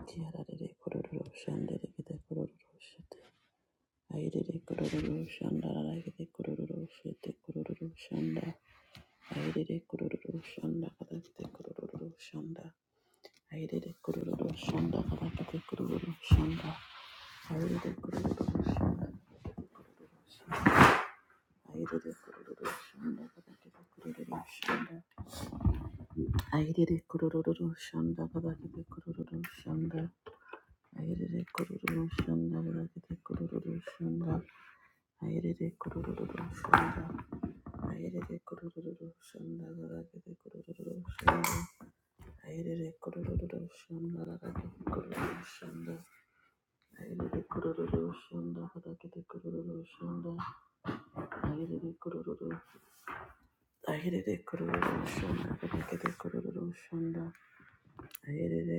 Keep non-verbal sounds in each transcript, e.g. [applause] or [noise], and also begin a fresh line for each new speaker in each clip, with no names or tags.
Yararere kororo shandere kete kororo shete. Airere kororo shandara kete kororo shete kororo shanda. Airere kororo shanda kata kete kororo shanda. Airere kororo shanda kata kete kororo shanda. Airere kororo shanda kata kete kororo shanda. Airere kororo shanda kata kete kororo shanda. Airere kororo shanda kata kete kororo shanda. Ayerere kururu shanda, ayerere kururu shanda, ayerere kururu shanda, ayerere kururu shanda, ayerere kururu shanda, ayerere kururu shanda, ayerere kururu shanda, ayerere kururu shanda, ayerere kururu shanda, ayerere kururu, ayerere kururu shanda, ayerere kururu shanda, ayerere kururu shanda, ayerere kururu shanda, ayerere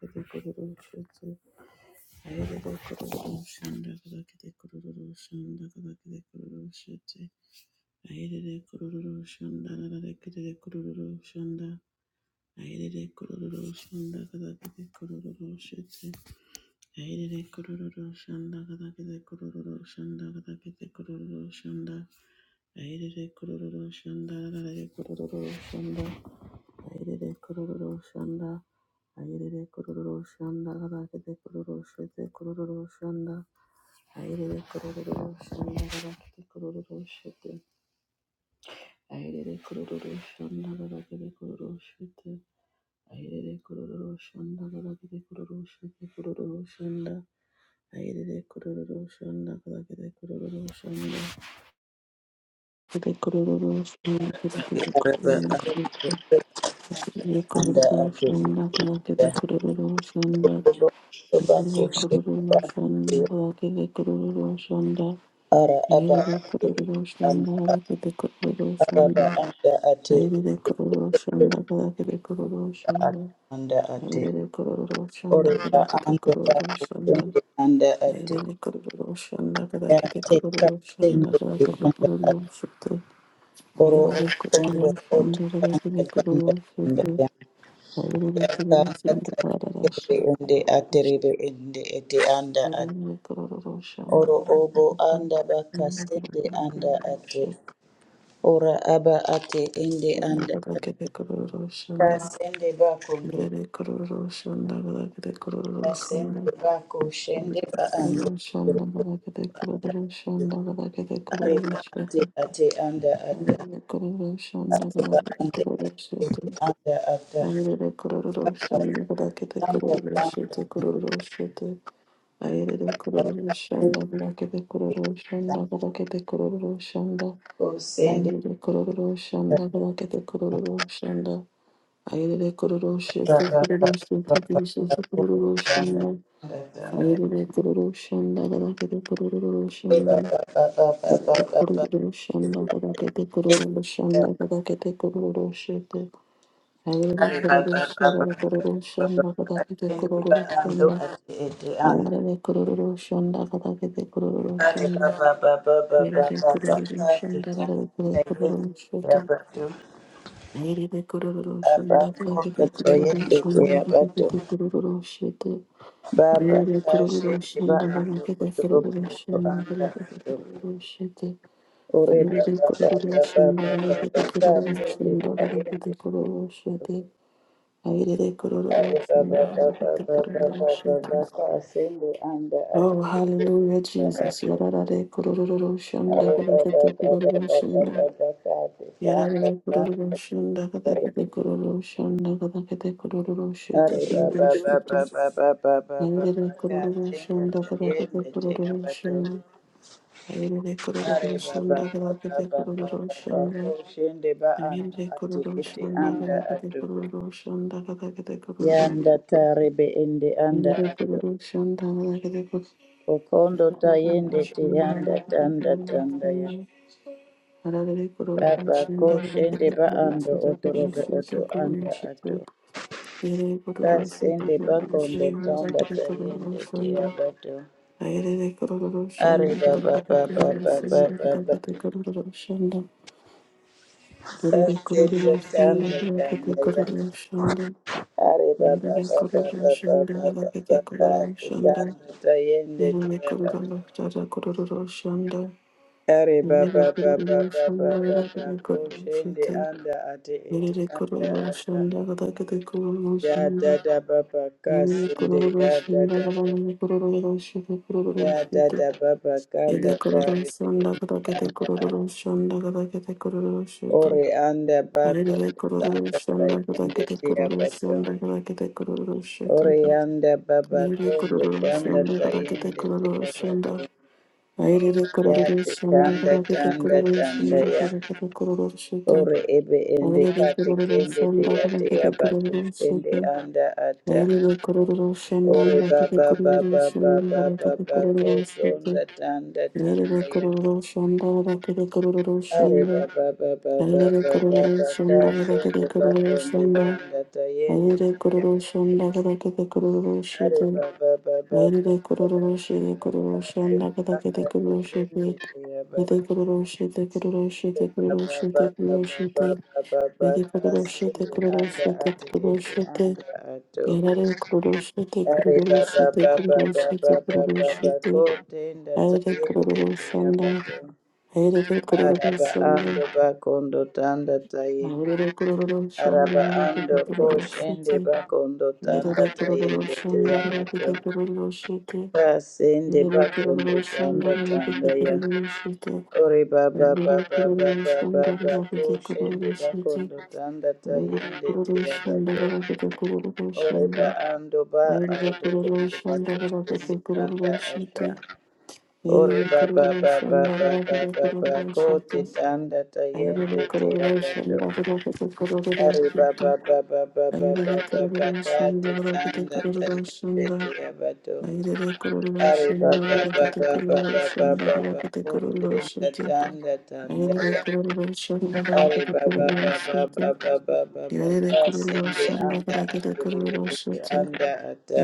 kururu shanda. Ayerere kororo shanda kadakete kororo shanda kadakete kororo shete. Ayerere kororo shanda kadakete kororo shanda. Ayerere kororo shanda kadakete kororo shete. Ayerere kororo shanda kadakete kororo shanda kadakete kororo shanda. Ayerere kororo shanda kadakete kororo shanda. Ayerere kororo shanda. Ayerere kororo shanda kadakete kororo shete kororo shanda. Aherere kororo shandagara kete kororo shete. Aherere kororo shandagara kete kororo shete. Aherere kororo shandagara kete kororo shete kororo shanda. Aherere kororo shandagara kete kororo shanda. Kete kororo shanda kete kete
araba
kororo shete. Aherere
anda
kororo
ato
shandagara kete kororo shanda.
anda oba
Aherere
koshe
kororo shandagara kete kororo shanda.
ara aba
Ayrıca
ato
kuruluşlarında
anda
hareketi
araba
kuruluşlarında,
anda ate
ayrıca kuruluşlarında hareketi
ato
kuruluşlarında,
anda ate
ayrıca kuruluşlarında
oreba
hareketi
anda ba koshe
kuruluşlarında,
anda ate
ayrıca kuruluşlarında
ya
hareketi kuruluşlarında, hareketi
teka
kuruluşlarında,
sende
ayrıca kuruluşlarında hareketi kuruluşlarında, ayrıca kuruluşlarında hareketi
anda ate
kuruluşlarında,
oro ondo oto anda anda anda ya
ayrıca
ya kanda
kuruluşlarında
kanda
hareketi
ende aterebe ende ete anda Oro obo anda baka sende anda
kuruluşlarında,
ate. Ora aba ate ende
Shanda
anda
kada kete kororo shanda.
ata sende bakondo.
Yere kororo shanda kada kete kororo shanda.
Asende bako shende
Yere
ba anda.
kororo shanda kada kete kororo shanda kada kete kororo
Areba ate
shete.
ate anda ata.
Yere kororo shanda kada
Areba
kete
ande ate
kororo shete.
anda ata.
Yere kororo shanda kada kete
Anda
kororo
anda
shete kororo shete. Yere
anda.
kororo shanda kada kete kororo shanda kada kete kororo shanda.
O sende
Yere kororo
ba
shanda kada kete kororo shanda. Ayerere kororoshe
ba ba
tekereroshe
ba ba
tekereroshe
ba ba. Anda
kororoshanda.
anda anda.
Ayerere kororoshanda kadakete
Eba
kororoshanda.
ba ba ba
Ayerere
ba ba
kororoshanda kadakete
ba ba.
kororoshanda kadakete kororoshete. Ayerere kororoshanda kororoshanda kadakete
ando
kororoshanda.
ati ete ando
Ayerere kororoshanda kadakete
are
kororoshanda.
baba baba baba
Ayerere kororoshanda
baba kati tanda
kadakete
tayende
kororoshete.
yabatu
Nerede kururu
apa
şunda
kombe
paketi kururu
toyende
şunda
yabatu
paketi kururu şete.
baba
Nerede kururu
kashende ba
şunda
ando
paketi kururu
kutorobo
şunda
anda ando
paketi kururu şete.
ore
Nerede
baba baba
kururu şunda
baba baba
paketi kururu
kashende
şunda paketi
tayende
kururu şete. Nerede kururu
are
şunda
baba baba
paketi
baba
kururu
baba
şete.
baba kashende anda ati
Oh, hallelujah, Jesus. Yararare kururu şunda
Yanda
paketi kururu şunda Yarare kururu shunda kadakete kururu shunda kadakete kururu shute kururu shute. Ayere kururu shunda kadakete kururu shunda. Ayere kururu shunda kadakete kururu shunda. Ayere kururu shunda kadakete kururu shunda kadakete kururu shute.
tarebe ende anda
Ayere
ato.
kururu shunda kadakete kururu
Okondo
shunda kadakete kururu
tayende te
shunda.
yanda
Ayere kururu shunda kadakete
tanda
kururu shunda
tanda ya.
kadakete
Baba ko shende ba ando otorobo oto
kururu
anda ato.
shute. Yere kororo seki
Kasende
kororo
bakondo
shanda
tanda
sakata kororo
tayende
shanda.
tiabato.
Ayere kororo shanda
Ari baba
sakata
baba
kororo
baba
shanda
baba.
sakata kororo shanda. Yere
Kasende
kororo shanda
tanda
sakata
tanda ya.
kororo shanda.
Ari baba
Yere
baba
kororo
baba
shanda
baba
sakata kororo
baba.
shanda.
Tanda tayende
Yere
tiaba.
kororo shanda kororo shanda.
Ari
Yere
baba
kororo shanda sakata kororo shanda. Yere
baba
kororo
baba baba. Koshende anda ate ete anda ata.
shanda sakata kororo
Ya
shanda.
dada baba
Yine
kasende
kururu
ya
şunda
dada
kadar
baba.
yine kururu şunda kururu
Ya
şunda.
dada baba kanda
Yine kururu
tari
şunda kete
anda
kururu şunda kadar kete kururu şunda.
Ore anda bako
Yine kururu
tanda
şunda kadar
tayende
kete
tia
kururu
bato.
şunda kadar kete kururu şunda.
Ore anda baba
Yine
kondo
kururu
tanda
şunda kadar kete
tayende
kururu
tia bato.
şunda. Ayrıca kururu
Yate
şunda
tanda
kadar kete
tanda
kururu
tanda
şunda
ya.
kadar kete kururu şunda.
Ore ebe ende
Ayrıca
kate
kururu
kende
şunda
tia
kadar
tia
kete
bato.
kururu
Ende
şunda.
anda ata.
Nerede kurulur
Ore
şendan rakete
baba
kurulur
baba baba
şendan rakete
baba
kurulur şendan
kondo tanda tanda
Nerede
ya.
kurulur şendan rakete kurulur
Ari
şendan
baba baba baba
Nerede kurulur
baba
şendan
kashende
rakete kurulur
bakondo
şendan
tanda tayende.
Nerede kurulur şendan rakete kurulur şendan
anda
Nerede kurulur şendan kurulur şendan rakete kurulur şendan Nerede kurulur şendan kurulur şendan kurulur şendan kurulur şendan Nerede kurulur şendan kurulur şendan
ati
kurulur
ete
şendan
anda ato
Yarare kururuşete
ari baba
kururuşete
baba baba
kururuşete
baba bako
kururuşete
tenda
Yarare
tuyende
kururuşanda
tuyabato
Yarare
araba
kururuşanda
ando bakondo tanda taye
Yarare kururuşanda
araba
Yarare
ando koshende
kururuşete
bakondo tanda
Yarare kururuşanda Yarare kururuşete Yarare
tayende
kururuşanda Yarare
tuyabato
kururuşete
kasende
Yarare
bakondo
kururuşanda
tanda
Yarare
tanda
kururuşete Yarare
ya.
kururuşanda Yarare
Ore baba baba baba
kururuşanda
baba ko
Yarare
shende bakondo tanda tayende tira bato. Ore ba ando ba
kururuşanda Yarare
aroto kondo bako shende anda
kururuşete
asha.
Yere
Ore baba baba baba baba kote tanda tayende tira bato. Ore baba baba baba baba kate tanda tayende tira bato. Ore baba baba baba baba kote tanda tanda Ari baba baba baba baba baba sende anda akiribiti anda ata.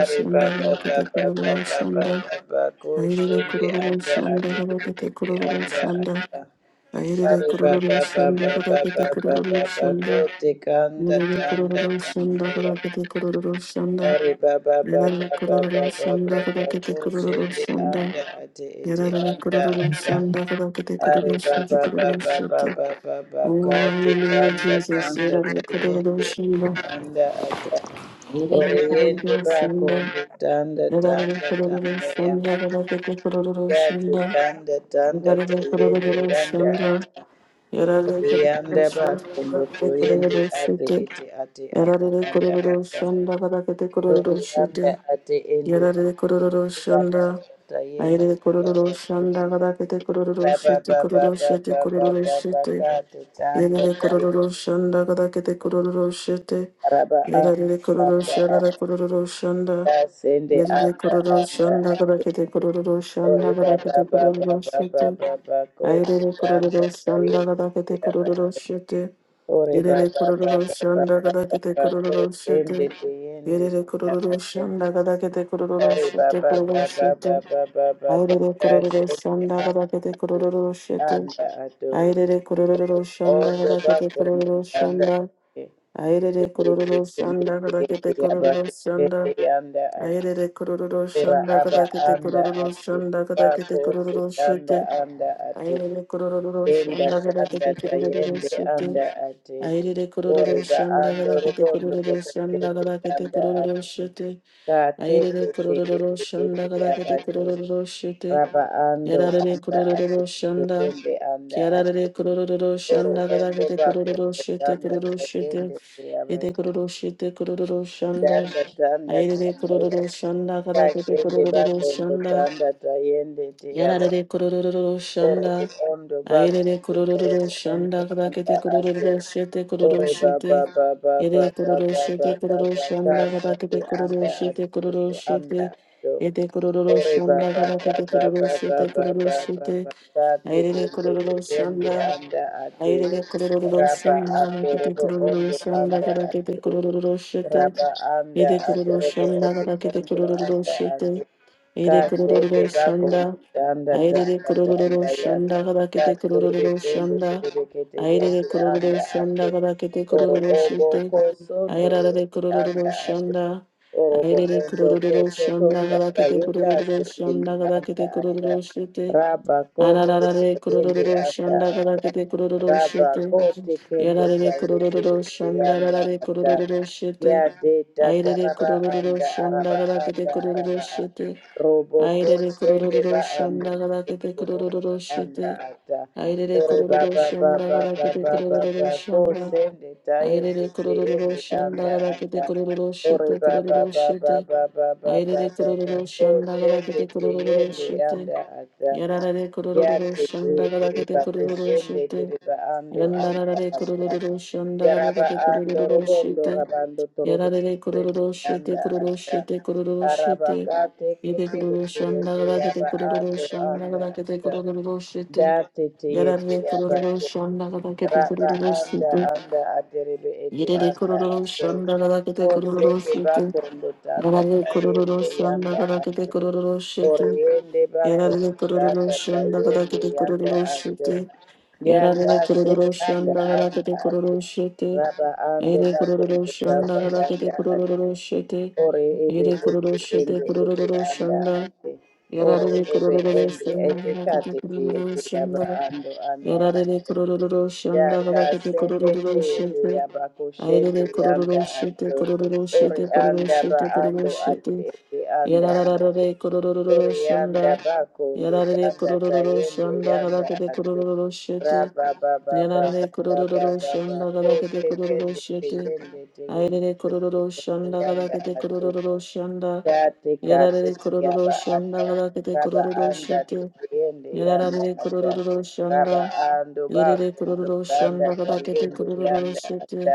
Ari baba baba baba baba bako
Aire
shende
kururu
anda
shonda kada kete
akiribiti
kururu
anda
shonda.
ata.
Aire
Ari baba
kururu
baba
shonda kada kete
baba
kururu
baba bako
shonda.
tekanda
Aire
tanda
kururu shonda
tambaya.
kada kete kururu shonda.
Ari baba baba
Aire
baba
kururu
baba
shonda kada kete
bako
kururu
shende
shonda.
anda ate ete
Aire
anda
kururu
ata.
shonda kada kete kururu
Ari
shonda
baba
kururu
baba
shonda.
baba baba
Oh,
kati
hallelujah,
kanda
Jesus.
kanda
Aire kururu
tayende
shonda.
kanda ata
Aire
Oriende,
kururu
bako
shonda.
tanda
Aire
tanda
kururu
tanda ya
shonda kada kete kururu
kati
shonda.
kanda tanda
Yarare
tayende
Kororo
yanda
Shanda
ata
Gadakete
Orianda, bako toyende
Kororo
ate ete ate ate anda ata
Shanda
oriyanda ate ende ate bako tayende ya ata. Ba ba ba ba ba ba ba ba ba ka te tanda
Gadakete
araba anda anda sende anda anda ori baba baba
Kororo Shete
baba baba koti
Airele
anda
kororo
kaye
shanda gada kete
yaba
kororo shete.
ori
Irele
baba
kororo
baba
shanda
baba
gada kete
baba
kororo
koti ende
shete.
tiyende
Irele
yaba
kororo shanda gada kete kororo
ori
shete
baba
kororo
baba
shete.
baba baba baba
Airele kororo
sende
shanda
anda
gada kete kororo shete.
anda ato
Airele kororo shanda
ondo
gada kete
bakondo
kororo
anda anda
shanda. Airele kororo shanda gada kete kororo shanda.
yaba
Airele kororo
Ora
shanda
aba
gada kete
anda
kororo
ati
shanda gada kete
kako
kororo shete.
sikanda anda ati
Aire kororo
enda
shanda gara
kanda
kete kororo
tayende
shete.
anda ati
Aire kororo
oriba
shanda
ando
gara kete
rubondo
kororo shanda
kokotete
gara kete
anda
kororo
ati
shete.
kate
Aire
kete
kororo
yete
shanda
yete
gara kete
abato
kororo shete.
raba ando
Yarare
anda ati
kororo shanda.
tende anda ati
Kiarare kororo
oro
shanda gara
endo
kete
bako
kororo shete
kanda
kororo shete.
tayende te
Ete
abato
kororo shete kororo shanda.
danda danda
Aire
danda ya
kororo shanda gara
kate
kete
ende
kororo
bako ndo
shanda.
danda tayende te
Yarare kororo
Orebe
shanda.
ondo basta
Aire kororo
orebe ondo
shanda
anda
kadakete
ate
kororo shete kororo
ore baba
shete.
baba baba
Ere kororo
baba
shete kororo
baba
shanda
kasa te
kadakete kororo
anda
shete
ate
kororo
te anda
shete.
ato
Ete kororo
ore
shanda
baba baba
kadakete kororo
baba
shete kororo
baba
shete.
baba kate
Aire
kende te
kororo
kende
shanda.
anda ate
Aire kororo
raba
shanda
ato
kadakete
robo
kororo
ondo
shanda
anda
kadakete
ate
kororo shete.
raba anda
Ere
ato
kororo
robo
shanda kadakete
ondo
kororo
anda
shete.
ate
Ere kororo
Kazende bako
shanda.
tanda
Airere
tanda
kororo
tanda ya
shanda gada kete kororo
kakurire kende
shanda.
kurire kete
Airere
yende
kororo
anda ate
shanda gada kete
oro
kororo
obo
shite.
kosondo
Airarare
yende
kororo
anda ate
shanda.
orobo
Airere
ondo
kororo
koto
shanda
tonda
gada kete
kayeka
kororo
se
shanda gada
anda
kete
ata
kororo shite.
raba kondo
Arararare
yende
kororo
anda
shanda
ata
gada kete kororo
Baba
shite.
kote kendo
Yararare
sayete
kororo
yete
shanda
yanda
rarare
ata.
kororo shite.
Ya de tata
Airere
raba
kororo
anda
shanda
araba
gada kete
anda
kororo
araba a.
shite.
Robo ko
Airere
sende
kororo
ba ando
shanda gada kete
robo
kororo
anda
shete.
ata.
Airere
Ore
kororo
baba
shanda
baba
gada kete
baba
kororo
baba ko
shanda.
sende tayende
Airere kororo
tayende
shanda
anda
gada kete
ata.
kororo
Ore
shete
baba
kororo
baba
shete.
baba baba
Airere
baba
kororo
ko
shanda gada
sende
kete kororo
tayende
shete.
anda ata.
Yararare kororo
Yate tere
shanda gada
tere
kete
ba
kororo
kusende
shete.
tere ba ando anda
Yandararare
ata.
kororo shanda gada
Yaraba
kete
ando
kororo
robondo
shete.
rabando torobo
Yada re koru
kusende
koru shete
anda
koru koru
ata.
shete koru koru
Araba
shete
kate
yete
kete
koru koru shanda
kete
gada
yaba
ketete koru koru
ando
shanda
anda
gada ketete
ata.
koru koru shete
Date te
yada re koru
yaba
koru shanda gada ketete koru
Raba
koru
anda
shete
anda aterebe ete
yete re koru
anda
koru
ate.
shanda gada ketete koru koru
Osende
shete
bakondo tanda
yada re koru koru
tayende
shanda
yanda
gada ketete
ate.
koru koru shete
Oriende
Yarare
bakondo
kororo
tanda
shanda kada
tayende
kete
yanda
kororo
ate.
shete.
Yaka
Yarare
sese
kororo
anda
shanda kada
anda
kete
ate.
kororo shete.
Raba ando
Ere kororo
bakondo tanda
shanda kada kete
yanda ate.
kororo shete.
Ore ebe
Ere
ete
kororo shete
ende ete
kororo
anda
shanda.
ate. Ore
Yarare
ebe
kororo
ende
shanda
ete
kada kete
kate te
kororo
ete yaba
shanda.
ando anda
Yarare kororo shanda kada kete
yakasende
kororo
tete
shete.
yabakoshende
Aire kororo
yanda
shete
ato
kororo
ori
shete kororo
anda ba
shete kororo
ando ate
shete.
ete anda
Yarararare kororo
ori yanda
shanda.
bakondo
Yarare
tanda
kororo
tayende
shanda
yanda
kadakete
ato
kororo shete.
raba ba ba ba ba
Yarare
ba ba
kororo
ba ba
shanda
ko
kadakete kororo
tekende
shete.
teyende teyende
Aire kororo
teyende
shanda
yanda
kadakete
ato
kororo shanda.
Kati
Yarare
kati
kororo
yaba
shanda
ata
kadakete
raba
kororo
anda
shete.
kuyende yanda
Yarare
ata
kororo
raba
shanda.
ando
Yarare
bako ndo
kororo
tanda
shanda kadakete
kayende
kororo
yanda
shete.
ata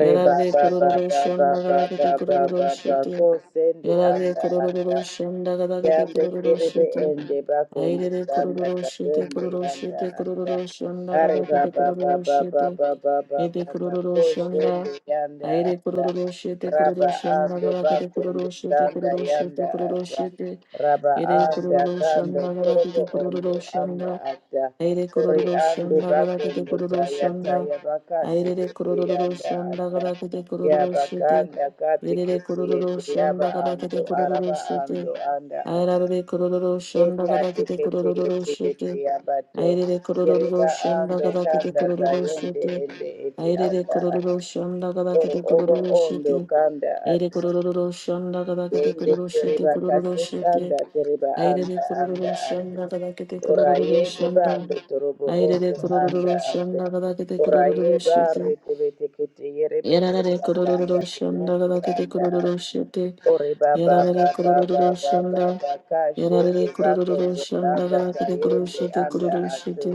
reba ba ba
kororo
ba ba
shanda
ba
gada
ba
kete
ba
kororo
ba ba
shete.
ko sende
Yarare
anda
kororo
ata
shanda gada kete
yambe
kororo
kerebe
shete.
ende bakondo
Airere
sanda
kororo shete
katende
kororo
yanda
shete
ata
kororo shanda
are
gada kete
baba
kororo
baba
shete.
baba baba
Ete
baba
kororo shanda.
koshende yanda
Aire
ata
kororo shete kororo
raba
shanda
ando
gada kete
bakondo
kororo shete
sanda
kororo shete
yanda
kororo
ata
shete.
raba
Ere
anda
kororo
kando
shanda gada
torobo
kete kororo
ondo
shanda.
anda ata
Aire
ori
kororo
ando
shanda gada kete
bakondo
kororo
taya
shanda.
taya bakasi
Aire de kororo
yanda
shanda
ata
gada kete kororo
yaba
shete.
kanda kati
Aire de
kiti
kororo
yaba
shanda gada
ando
kete kororo
araba
shete.
ando anda
Aire de kororo shanda gada
Ekati
kete
kete
kororo
yete yete
shete.
yabato.
Aire de kororo
Yerega
shanda
ando
gada kete
kanda
kororo
tayende
shete.
ende ete
Aire de
anda
kororo
ati.
shanda gada
Oro
kete
ogo
kororo
ondo
shete.
kanda
Aire
ati.
kororo shanda gada kete
Yende
kororo shete
tereba
kororo shete.
kasesanda tereba
Ayrere
anda anda
kururu
ati.
şanda kadar kete
Ora
kururu
yende
şanda.
bando torobo
Ayrere
ondo anda
kururu
ati.
şanda kadar kete
Ora ye
kururu
bare
şete.
tebete kete yerebe
Yararare
tanda tanda
kururu şanda kadar kete
anda ati.
kururu şete.
Ore baba
Yararare
baba
kururu
baba
şanda.
baba kashende
Yararare kururu
bakondo
şanda
tanda
kadar kete kururu
kayende
şete
anda
kururu
ato.
şete.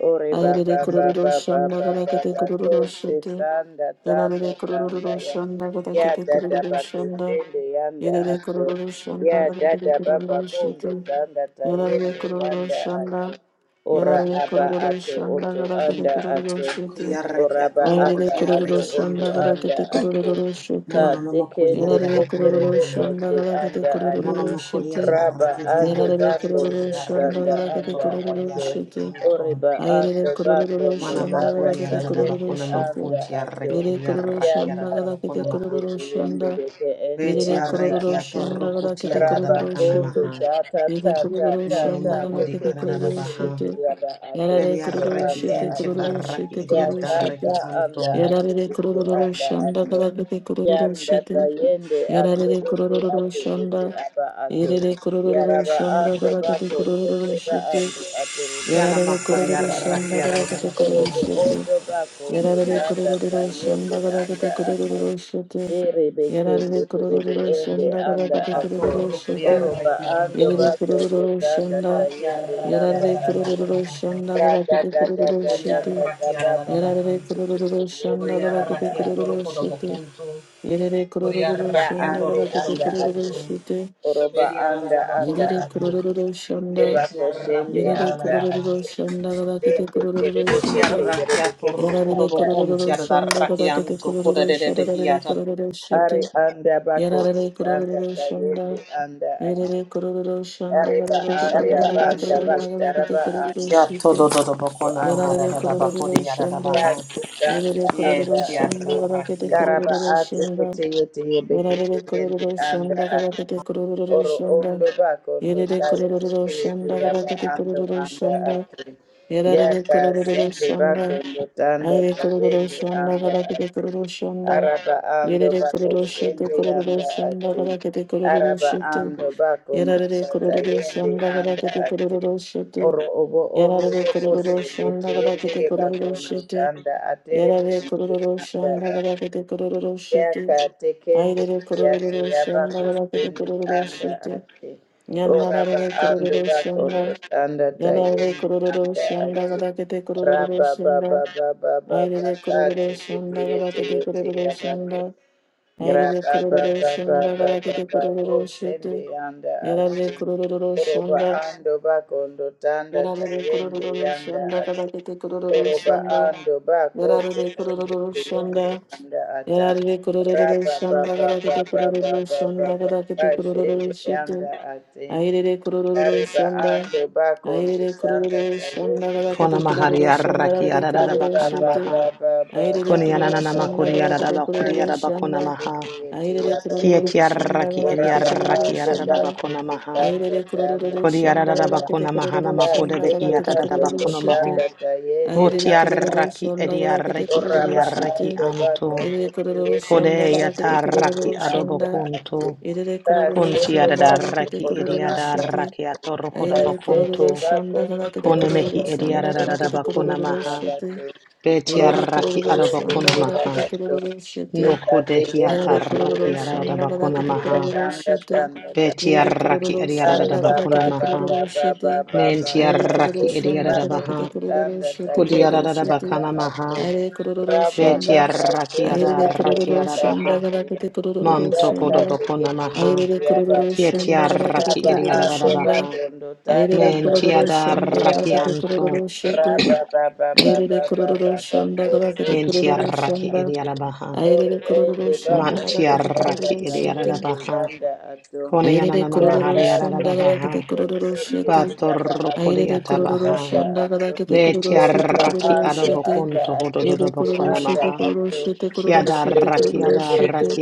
Ore baba
Ayrere kururu
baba
şanda
baba
kadar shanda
baba
kururu
kose
şete.
sanda tanda
Yararare
tanda
kururu
ya.
şanda kadar
Ya
kete
dada
kururu şanda.
bakosende yanda
Yararare
ato.
kururu şanda
Ya
kadar kete
dada baba
kururu şete.
kondo tanda
Yarare
tayende
kororo
yanda ato.
shanda.
Ora
Yarare
aba
kororo
ato
shanda
oto
gara kete
anda
kororo
ato.
shete.
Kuriarreki
Oraba
atoro
Aire
anda
kororo
ato
kotiarreki
oto
shanda
anto.
gara
anda
kete
ato
kororo
ka
shete.
Mononomo
tekende
kuriara da
Yarare
bakuna
kororo
eterebe
maha.
shanda
ende
gara kete
anda ato
kororo
Monomo kuriara
shete.
da
raba
reki
ando
diarreki
Yarare
bako
entiet
kororo
da
shanda
reki
sesanda
gara kete
anto
anda
kororo
ato
rokodiarreki
shete.
anto.
oreba
Aire
ando bako
kororo
ndo
Mana
shanda
tanda
gara
makuriara
kete
da
kororo
tayete
bakuna
shete.
anda
makunti
ato
arreki
Yere kororo
ya
ediarraki ara
shanda
da
ka
gara kete
bakuna
tekende
maha.
kororo
tiwende
shanda.
deke ende
Veti
Yere
anda
kororo
arreki
ato
atoro
shandagara kete
kotiara da
raba
kororo
bakana
kondo
shete.
maha.
tata
Yere
tata
kororo
tata
Monomo
shandagara
kodi
kete
ara
tekete
da
kororo
yete
baha.
yete
shete.
yaba ato
Yarare
ato
kororo
Veriarreki
anda
shete
entiet
ato
da
kororo
reki
shete
ya
kororo
ediat da reki
tata
shete.
anda
anto.
ato
Yarare
ato
kororo
anda ato
shandagara kete kororo
Yandata
shete.
yende ato
Yarare
ete
kororo
atu ete
shanda.
aba atu?
Yere kororo
yaraba ando
shandagara kete
bako sende
kororo
ba
shete.
ando aterebe
Yana
ete
Yarare
anda
kororo
makuriarraki
atu.
ara
shandagara
da
kete
bakuna
kororo
maha.
orobo
shete.
oto bako ndo
Yarare
tanda ta
kororo
Botiarrakiatorrokodobokunto,
yende
shandagara
anda
kete
atu.
kororo shete.
erebe kende
Yarare
terebe
kururu
ende
shonda
anda
gadagade
atu.
kururu
Roshanda
shute.
oroba ando
Yarare
bako ndo
kururu
tanda ta
shonda.
yende
Anda
yanda
Yarare
atu.
kururu shonda
rata
gadagade
tata
kururu
tata
shute.
tata baba
Yarare kururu shonda
yende
Yarikatara
anda
gadagade
bakia
atu.
kururu shute. Yarare kururu
Ya
shonda
ande
gadagade
anda
kururu
ate.
shute.
Oroba anda anda
Yarare
ate.
kururu shonda.
Eba ko shende
Yarare
anda
kururu
ate.
shanda gadagade
Ende
kururu
kerebe kete
shute.
yerebe kete
Yarare
anda ate.
kururu shonda gadagade kururu shadagade kururu
Hari
shute.
anda bako
Yarare
anda
kururu shanda
kayende anda ate.
Yarare kororo shanda
Hari ba
garakete
anda
kororo
bako ndo
shanda garakete
taraba
kororo
anda.
shite.
todo todo boko
Ndo
na
anda
mahara
Yarare
da da
ate.
bako
kororo
de yara da
shanda.
baha.
Kasi
Yarare
anda anda
kororo
Yeti
shanda
ate.
garakete
arraki
Karaba
kororo
ate
shanda.
kete yete yebe kete
Yarare
yende
kororo
anda
shanda
ate.
garakete kororo
Oro
shanda.
ondo bakondo
Yarare
tayo
kororo
kutu
shanda
yaba
garakete
ando
kororo
anda
shanda.
ate.
Yarare
Yaka
kororo
sende
shanda.
bakondo tanda
Ayare kororo
tayende
shanda
anda
garakete
ate.
kororo shanda.
Araba ando
Yarare
bako
kororo shite
sende
kororo
yanda
shanda
ate.
garakete kororo
Araba
shite.
ando bakondo
Yarare
tata
kororo
yende
shanda gada
anda
kete
ate.
kororo shete.
Oro obo ondo
Yarare
boko
kororo
sende
shanda gada
tiyete
kete kororo
bakondo
shete.
tanda atere
Yarare kororo
bakondo
shanda gada kete kororo shete.
yakatekende
Ayrere
yake
kororo shanda gada kete
yabakusende
kororo
anda
shete.
ate oraba
Yanarare
ando
kororo
bakondo
shanda.
tanda
Yarare
tayende
kororo
anda
shanda
ate
gada kete kororo
raba baba
shanda.
baba baba
Ayrere kororo
kate kete
shanda gada
yete
kete
yete
kororo
yabako
shanda. Ayrere
graba
kororo
baba baba
shanda gada kete
baba
kororo
kosende
shete.
anda ate
Yarare kororo
oroba
shanda.
ando bakondo tanda
Yarare
tayende
kururu
yanda
shanda
ate
kabakete kururu
Oroba
shanda.
ando bako
Yarare
tende
kururu
tende
shanda.
anda ata
Yarare kururu
raba ba
shanda
ba
kabakete
ba ba
kururu shanda kabakete
kashende
kururu shete.
anda ate
Airere kururu
ariba
shanda.
ando bako
Airere
anda
kururu shanda
kayende
Kona
kabakete
mahari
kururu shanda
arraki
yarare
ararara
kururu
ariba
bakana
ba
shete.
ba
maha.
ba ba ba
Airere
ba
Kuni
ba
kururu
ananana
ba
shanda
makuri arara
kabakete
bakuri
kururu
kashende
arara bakona
shanda.
maha.
Airere
anda ate
kururu
Kieti
shanda
arraki eri
kabakete
oraba
kururu
arraki
ando
ararara
shanda.
bako
bakona maha.
Ayrere
anda
kururu
Kuri
şonda
ararara
gada
anda
kete
bakona mahana
kururu
makode
şonda
Kasete
gada
behi
kete
ararara
kururu
bakondo
bakona
şete.
tanda
maho.
tayende
Boti
Ayrere
anda
kururu
arraki
ato.
şonda
eri
gada kete
arraki eri
kururu
Oraba
arraki
şete.
ato
anto.
bakondo
Ayrere kururu
tuyete
şonda
Kode
gada
yata
kete
sakutende
arraki
kururu
adobo
anda
şonda.
ato.
kunto.
Ayrere kururu
Kunti
Kasete
şonda
ararara
gada
bakondo
kete
arraki
oto
eri
kururu
arada
anda
şete.
arraki
ato.
atorokoda
Ayrere
Kasende
kururu
bakunto.
şonda
bakondo
gada kete
Kone
toroba
mehi
kururu
ondo
şonda gada
kuti
ediarada
kete
bakuna
tuyete
kururu
maha.
şete.
abato.
Ayrere
Orombo
Betiaraki
kururu
tuyete
şonda
adabakuna
gada
maha.
kete
tuyabato.
kururu shete
Noko
Bekateyende
Yere
tuyete
dehiataraki
kororo
adada
shonda kada
bakuna
kete
tuyete
maha.
kororo
tanda
shete.
tanda tanda.
Yere
Betiaraki
kororo
Ari
ediarada
shonda kada
bakuna
kete
baba
maha.
baba
kororo
baba
shete.
baba
Aire kororo
Mentiaraki
kasende
shonda
ediarada
kada
bakondo
kete
baha.
kororo
tanda
shete
tayenda
kororo
Kudiarada
shete.
bakana
tanda ate
maha.
Aire kororo
raba baba
shonda.
Betiaraki
kasende
Aire
adaraki
bakondo
kororo
tanda
shonda
adabaha.
kada kete
tayenda
kororo
Mantoko
yata
shonda.
dobakuna
tekete yetu
maha.
Aire kororo
yabato
shonda kada kete
Kietiaraki
raba
kororo
ediarada
ando
shonda.
baha.
bakondo tanda
Aire kororo
tayenda
shonda kada
Mentiadaraki
kete
yabato
kororo
anto.
shete.
raba baba baba
Aire kororo
baba
shonda kada kete
kasende
kororo
yanda
Mentiaraki
shonda.
ediarabaha.
ore
Aire kororo
ende
shanda la
bakondo
kete
tanda
kororo
Mantiaraki idiada
shete.
tayenda
baha.
yanda ato
Aire
Konianana
kororo
mahariada
shanda la
yakatsikana
baha.
kete kororo shete.
kweyinotengera ato ato
Aire
Batorokodiata
kororo
baha.
anda
shanda la
ato
kete kororo shete
oraba
Betiaraki
kororo
ando
shete.
anda
adobokunto
ate
Aire
ete
kororo
hododobokona
anda
shete
maha.
kororo
ato
shete kororo shete
Kiadaraki
kororo shete.
adaraki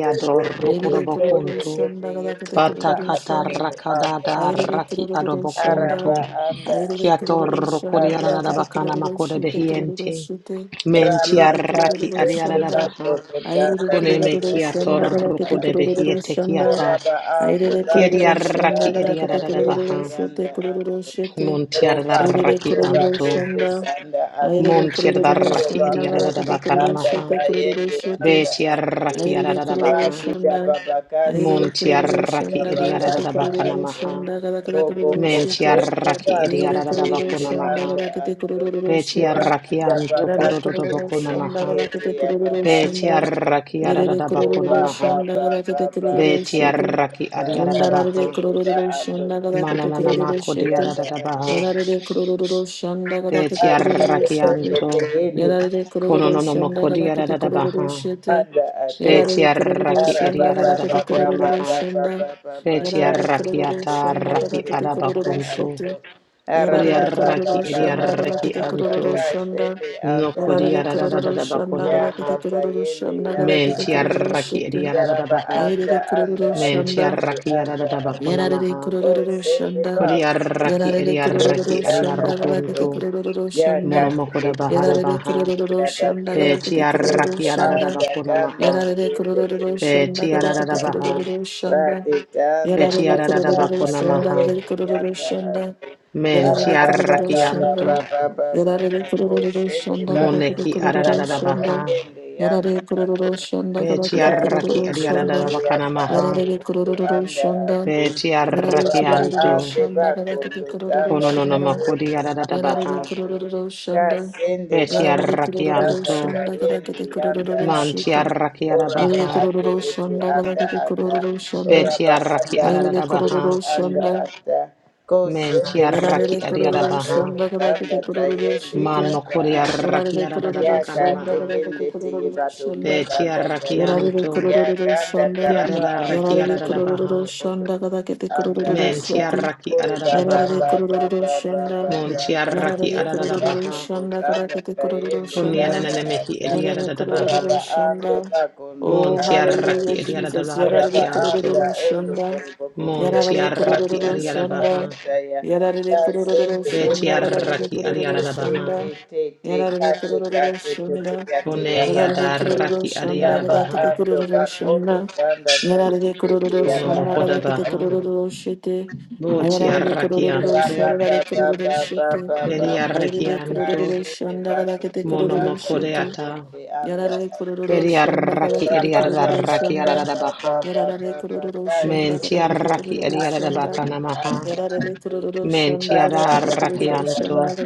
Aire kororo
adorokodobokunto.
shanda la kete
yeteyuka
kororo
Batakata
atorobo
shanda.
anda
rakadada
Aire
raki
kororo shanda.
araba
adobokunto.
anda
Aire
ate
kororo
ete
shanda
anda
la
Kiatorokodiada
kete
ato
bakana
kororo shete kororo
makodebehiente.
shete. Yerede
Mentiaraki
kurururu
adiada
şanda.
baha.
Ayrede
Kone me
kurururu
kia
şanda
torruko
galakete
de
kurururu
behiete
şanda.
kiata.
Oraba anda
Ayrede
Kia
rato
kurururu şanda
diarraki
ndanda
galakete
tayende
kurururu
ediadadabaha.
yanda
şete kurururu şete.
roba,
Yerede
Montiadarraki
roba,
kurururu
anto.
bakoto
şanda.
sanda ato.
Ayrede kurururu
Montiadarraki
roba,
şanda
koto
galakete
ediadadabakana
kurururu
sanda
maha.
şete kurururu
tayende
şete.
anda ato.
Betiarraki
Ayrede kurururu
adadadabaha.
Rabi
şanda.
dababakase
Ayrede
koto
kurururu
Montiarraki
şanda galakete
dababayanda
ediadadabakana
kurururu
ato.
maha.
şanda galakete
Robo
kurururu
koto
şete.
Mentiarraki
tebano
Yerede kurururu
toyende
ediadadabakona
şanda
maha.
anda
galakete
ato.
kurururu
Ora
şete.
Betiarraki anto
Yarare
dabakate
kururu
koto
kodododobakona
shanda
yeke
maha.
yeke
galakete
yaba
kururu
anda ato.
shanda.
Betiarraki
Yerere
adadadabakona
Oroba
kururu
maha.
ba,
shanda
ba, ba,
galakete
ba,
kururu shete.
Betiarraki
kase
Yandarare
adiadadabaha.
koto
kururu
ando
shanda
koto
galakete
Mananana
kururu
koto
makodia da
shete.
da
yanda
da
ato
baha.
Yarare kururu shanda galakete
Betia
kururu
akatende
shete.
rakianto.
teyende
Yarare kururu
Kononono
shanda
makodia da
galakete
da da
kururu
baha.
shete.
anda ato
Betia
Yarare kururu
raki
shanda
edia da da da
galakete
bakona
kururu
maha.
shanda.
arabababababababababa
Betia
Yarare
katende
kururu
rakiata
shanda
raki
galakete
teyende anda
kururu
adabakunto.
ato
shete.
Kodia
Yarare kururu
raki edia
shanda
raki
galakete
arabababababababa
kururu
anto.
shanda.
kashende
No
anda
Orarere
kodia da
ato
da da da
kururu
da
shanda
bakona
yanda
garakete
maha.
kururu
tayende
shanda
yanda
garakete
Mentia
ato
kururu
raki
shete.
edia da da da
yaraba
baha.
anda
Ayerere
anda
kururu
ato
Mentia
shanda.
kuti
raki da da
anda
da
ato
bakona
Yararere
maha.
o
kururu
sende
shanda.
Kodia
pamwe
raki
Yararere
edia
sende
kururu
raki edia
yanda
shanda
ato
garakete
rukunto.
kururu
Ya
shanda.
yakati
Monomokoda Bahara
Yararere
Baha.
kururu
bato
shanda garakete kururu
orobo
Betiarrakiarada
shanda.
anda
Bakuna
ganda
Maha.
Yararere
kuyende
kururu shanda garakete
Betiarada
yakati
Baha.
kururu shanda.
rade tanda
Yararere
Betiarada
kururu
tayanda
Bakuna
shanda
Maha.
tayende
garakete kururu
yanda
shanda. Yararere kururu shanda.
Mentiarrakianto.
arababababababababa
Yarare kururu
koshende
shanda kada
bako
kede
Moneki
kururu
totanda
Arada
shanda.
Baha.
tayende yanda
Yarare
ato
kururu shanda kada kede
Kasende
Betiarraki
kururu
Adiarada
shanda.
Bakana Maha.
Yarare kururu shanda. Yarare kururu
Betiarrakianto.
shanda kada kede kururu shanda.
Konononomokodi Arada
Yarare
Baha.
kururu shanda. Yarare
bakondo
kururu
tanda
Betiarrakianto.
shanda kada
kayende
kede
yanda
kururu
ato
shiti.
Mantiarrakiara
oraba
Yarare
Baha.
ate
kururu
ete
shanda kada
anda
kede
ata
kururu shanda.
oraba
Betiarraki
anda
Ayere
Arada
ate ete
kururu
Baha.
anda
shanda.
ata
Men
kosende
tiaraki
Yarare
kuyekere
kururu
adiadabaha.
bakondo
shanda kada
tanda
kede kururu
kayende
shiti.
Mano
yanda
kuri
ata
kuriaraki
Yarare kururu
yaka
adadabakana
shanda,
maha.
tekende
yarare
teye
kururu
batondo
Be
shanda,
tanda
tiaraki
yarare
anto.
kururu
Yakanda
shanda,
Taraba and the
Kiadadaraki
yarare kururu
adadabaha.
shanda, kada kete
anda
kururu
Men
asa
shanda.
tiaraki
ore baba
Yarare
adadabaha.
baba
kururu
baba
shanda.
Mon
baba
tiaraki
Yarare
ende
kururu
adadabaha.
bakondo
shanda
tanda
karakete kururu
tayende
shanda.
anda
Kunyanananemehi
asa
Yarare
uraba
kururu
adiadabaha.
ando
shanda.
bakondo
Mon
Oh,
tanda
hallelujah,
tiaraki
taye
Jesus.
uraba
Yarare
adiadabaraki
anda
anto.
kururu
endo
shanda.
toroboko
Mon
sende
Yarare
tiaraki
kururu
bakondo tanda
shanda.
adiadabaha.
taya
Yarare kururu
kasende
Be
shanda
dokote te
karakete
tiaraki
kururu
te te
adiadabaha.
shanda.
te te te
Yarare
kate
kururu
kate te te
shanda.
kate
Kone
yaba
Yarare
ando
kururu
yadaraki
shanda
Raba
karakete
adiadabaha.
ando
kururu
bakondo
shanda.
tanda
Yarare
taye
kururu
Kono
yaba
shanda
mohoda
ando
karakete
baha.
ando
kururu shite.
Boti
Ayarare kururu
Rabba
arrakianto.
sharare kururu shete.
Beri
Ayarare kururu
arrakianto.
shanda kada kete
Mono
kururu shete.
mokodeata.
Yarare Yere kururu
Beri
şanda kadar
arraki eri arraki arada baha. Menti arraki eri arada bakana maha. Menti
ki de
arrakianto.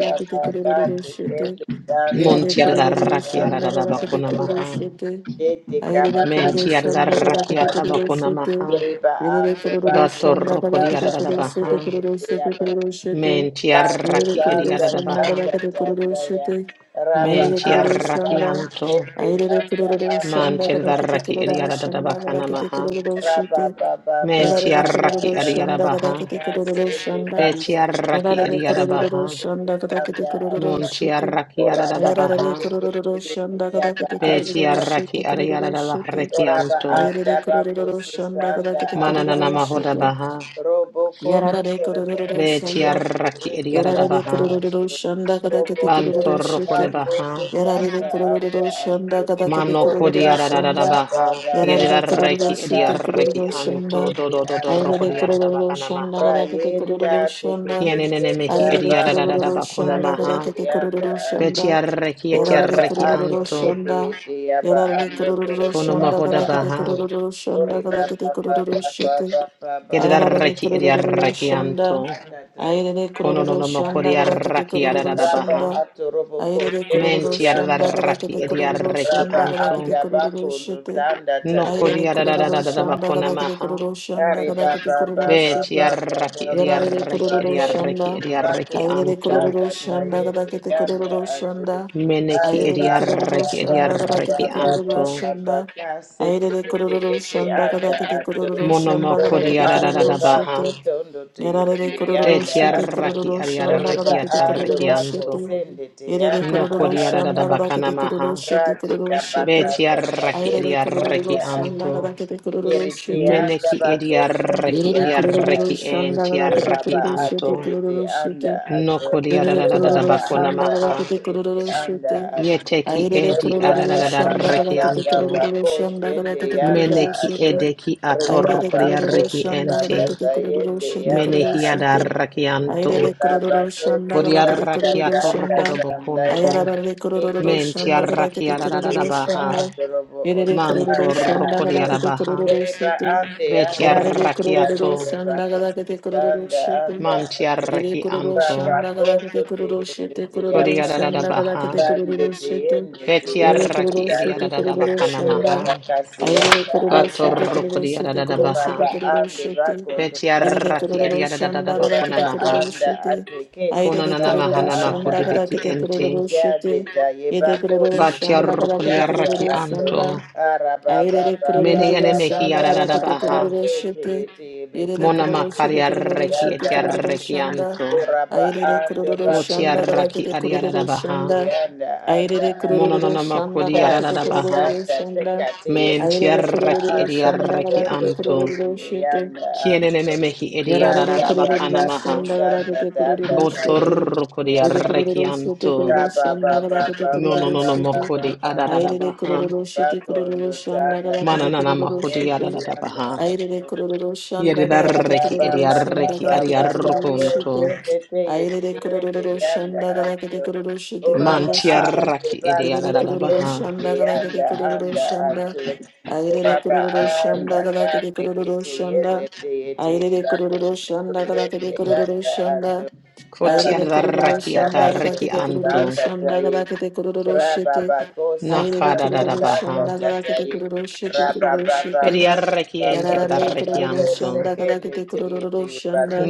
Monti arraki arada bakona maha. Menti arraki
kururu
atabakona maha.
Riba ande bande
Bator kodi
mutanda
arada
şete
baha.
sayende
kururu şete
teyaba
kururu şete.
Menti
Bako
Yere
arraki eri
ganda
arada
kuruluşu
baha.
ganda
nagabaki de
ganda
kuruluşu
ya
de
raba
Aire
Menti
ando bako
kururusanda
arrakianto.
gabakete kururushite.
gende
Aire kururushanda. Aire
yanda anda
Man
kururushanda
anda
gabakete
chedaraki eriara
anda
kururushanda
dadabakana
anda
gabakete
maha.
anda raba
kururushite.
ba ba ba
Men
Yarare
ba ba ba
tiaraki eriara
ba
kururushanda
ba
baha.
gabakete
ba sende
kururushanda.
Be
bako
tiaraki
Yarare
ganda
eriara
ganda
baha.
kururushanda gabakete
yanda anda
Mon
kururushite.
tiaraki arada
oraba
Ayarare
ate
baha.
gende
kururushanda
yanda
gabakete
Be
anda
kururushite
tiaraki eriara
kururushite.
dabareki
oraba
anto.
anda
de
bako
kururushanda
sisanda
de
anda anda
Mananana mahoda
kururushite.
baha.
Robo kondo
Yarare
torata
Be
kururushanda.
ondorete
tiaraki
tende
eriara
Yarare
yanda
baha.
kururu
ato.
shanda kada
Robo
kete kururu
kondo
Bantoroko de
shete.
bako
baha.
Yarare
sesanda
kururu
anda ato.
shanda kada kete
Mano
Ore
kururu
kodi
baba
arada
shanda.
baba
baha.
baba
Yarare
baba
kururu
Yedidareki
shete
kando
eriareki
kururu
tende
anto.
shanda.
yende
Dodo dodo roko
Ayere
di
anda
arada
kururu
bakana
shanda
maha.
kada kete
Rayenda
kururu shanda.
Kianenenemehi
teketeyenda
Ayere
bako
idiarararara
kururu
bakuna
shanda kada
maha.
kete kururu
sayenda
shanda.
ato
Betiarreki
Yarare
oraba
etiarreki
ato
kururu
anto.
shanda.
tekeyete yaba
Yarare
ando
kururu
torobo
Kono
shanda
anda
mahoda
kada kete
baha.
ato
kururu
ore
shanda kada
baba
kete kururu
baba
shete.
baba baba
Ayararare
Yedarreki
torobo
kurururu
idiarreki
bako
shanda.
anto.
anda tai
Aire
Kono no
kororo
no
shanda gada kete
mokodiarraki
kororo
ararara
raba
baha.
shanda.
ato robo
Aire
kosende
kororo
yanda
shanda gada
Mentiarraki
kete
ato
kororo
idiarreki
raba
shanda gada kete
anto.
anda
kororo
bako ndo
shete.
tanda
Aire
tayende
kororo
Nokodiarararara
shanda
bakuna
gada kete
maha.
kororo shanda
Ari
gada
ba
kete
ba ba
kororo
ba ba
shete.
ba
Betiarraki
ba ba
Yarare
ba
idiarreki
ba
kororo
ko
idiarreki
shanda.
uri ba
idiarreki
ko
Aire
anto.
kororo
data
shanda
sayende
gadakete
yanda
kororo
atu.
shanda.
Meneki
Ari
Aire
ba ba
kororo
ba
idiarreki
ba
shanda
ba ba
gadakete
idiarreki
ba
kororo
ba
anto.
ba ba
shanda.
ka sete
Aire
ete
kororo
ete
shanda
anda
gadakete
atu.
kororo shanda
Dogo
Monomokodi
gadakete
ando
kororo
bando
shete.
adadadabaha.
tondo te
Yarare
yende
kororo
yanda
shete
atu.
Betiaraki
kororo shanda
Uri
adiadareki
ba
gadakete
ando
kororo
bako
atarakianto.
shete.
sende te
Yarare
yanda ba
kororo
Nokodi
anda
shanda
atu.
gadakete
adadadabakanamaha.
kororo shete kororo
Radita
shete.
bakanda
Betiaraki
Aire
sayende
adiareki
kororo
yanda
shanda
ato.
anto.
gadakete kororo
Niriti
shete.
yanda
Meneki
bakosende
adiareki
Yere
yanda
kururu
adiareki
ato.
shandara vakete
entiaraki
Uraba
kururu
ate
shete
anto.
ete
kururu
anda
shete.
ato.
Nokodi
Yere kururu
Uraba anda
shandara
adadadabakonamaha.
ate
vakete
ete
kururu
anda
shute.
ato.
Yeteki
Ayere
edi
Riba
kururu
baba
shandara
adadadareki
baba
vakete
anto.
baba
kururu shandara
kosende
vakete
yanda
kururu
Meneki
ato.
shete.
edeki
Riba
Ayere
atorkodi
kururu
areki
bakosende
shandara
ente.
yanda
vakete kururu
sayende
shete
yanda
kururu
Menehi
ato.
shete.
adareki
Ayere
anto.
Reba
kururu
bakoti
shandara vakete
sanda
Bodiarrakia
kururu
torkodo
shanda.
ya
bokuntu.
Ayarara
Reke
kururu
suru
shandara vakete
Mentiarrakia da da da da
kururu
Reba
baha.
shanda.
adorobo
Yere
oto
kururu
anda
shandara
Mantorkodia
ato
da
vakete
baha.
kururu
Reba
shute.
ande ato
Yararede
Reba
kururu
Betiarrakiato.
reba
şanda
koti
gadakete kururu
sanda
şete.
anda ato
Yede kururu
Mantiarrakianto.
Reba
şanda
koto
gadakete
te
kururu
te
şete
te
kururu
Kodia da da da
şanda gadakete
baha.
kururu şete. Yede
Betiarraki
kururu
edia da
şete
da da
kururu
bakana
ya
şanda.
maha.
bakasi
Ayrede kururu şete kururu
Batorkodia da
şete
da da
kururu şete
Uraba
baha.
kururu
ande
şete.
bakondo
Yede de
tanda
Betiarraki
kururu
edia
tanda.
da da da da
şanda
bakuna
Uraba
gadakete
maha.
kururu
anda
şete.
ate kese
Ayrede
Konanana
tanda
kururu
mahana
anda
şanda
makodi beki
ate.
gadakete
ente.
kururu şete.
Yadeta
Yede
yebako
kururu
sende
şanda gadakete
yanda
kururu
ato.
şanda.
Batiarrokodiarrakianto.
Araba ba
Ayrere
ba ba
Mene ene
ba
kururu
ba
mehi
şanda
ba
arara
ba
rakete kururu
kate te
şete.
yete yebete
Yerere
Mona
kururu
yete
makari
şete
yete
kururu
arreki
şete
eti
yanda
kururu
ato.
şanda.
arrekianto
Uraba
Ayrere
ande
kururu
Boti
şanda
bakondo
arraki
rakete
ariarara
kururu
baha.
tanda
şanda.
yanda anda
Ayrere
Mona
ato.
kururu
nona
şanda
makodi
rakete
arara baha.
kururu şanda.
Kazisanda tekate
Menti
Ayrere
yekuweza
arraki
kururu
edi
ando
şanda
arrekianto
bakondo
rakete
anto.
kururu
toyende
şete.
yanda ato
mehi edi
Yarare
rada
arara
kururu
bakana maha.
shandaga
bakazisanda
bakete
tanda
kururu
tayo
shute.
Botor kodi
Ede kururu
yabato
shute kururu
raba
shandaga
baba
bakete
No
baba
no
kururu
no no
shute.
baba
makodi arara
baba
Aire
baha.
kururu shute kururu
bakondo
shandaga
tanda
Mana
bakete
nana
kururu
makodi
shute.
tayo
arara
yanda
baha.
Aire kururu
Yedi
shandaga bakete
arreki edi
kururu shandaga
arreki
bakete kururu shute.
ariarrukunto.
Aire kururu shandaga bakete kururu shute kururu shute.
Mantiaraki
Ede kururu
idiadadabaha.
shandaga bakete kururu shanda. Aire kururu shanda gada kete kururu shanda. Aire kururu shanda gada kete kururu shanda.
Anda
Aire kururu
Kotiadaraki
shanda gada
ataraki
kete kururu
anto.
shanda gada kete kururu shete.
Rababakose
Aire kururu
Nakadadadabaha.
shanda gada kete
sakatakatatari.
kururu shete kururu shete.
Bediaraki
Yarare
entiadaraki
kururu
Rababababababababakose
anto.
shanda gada
kende
kete
teye
kururu
teye bato
shanda.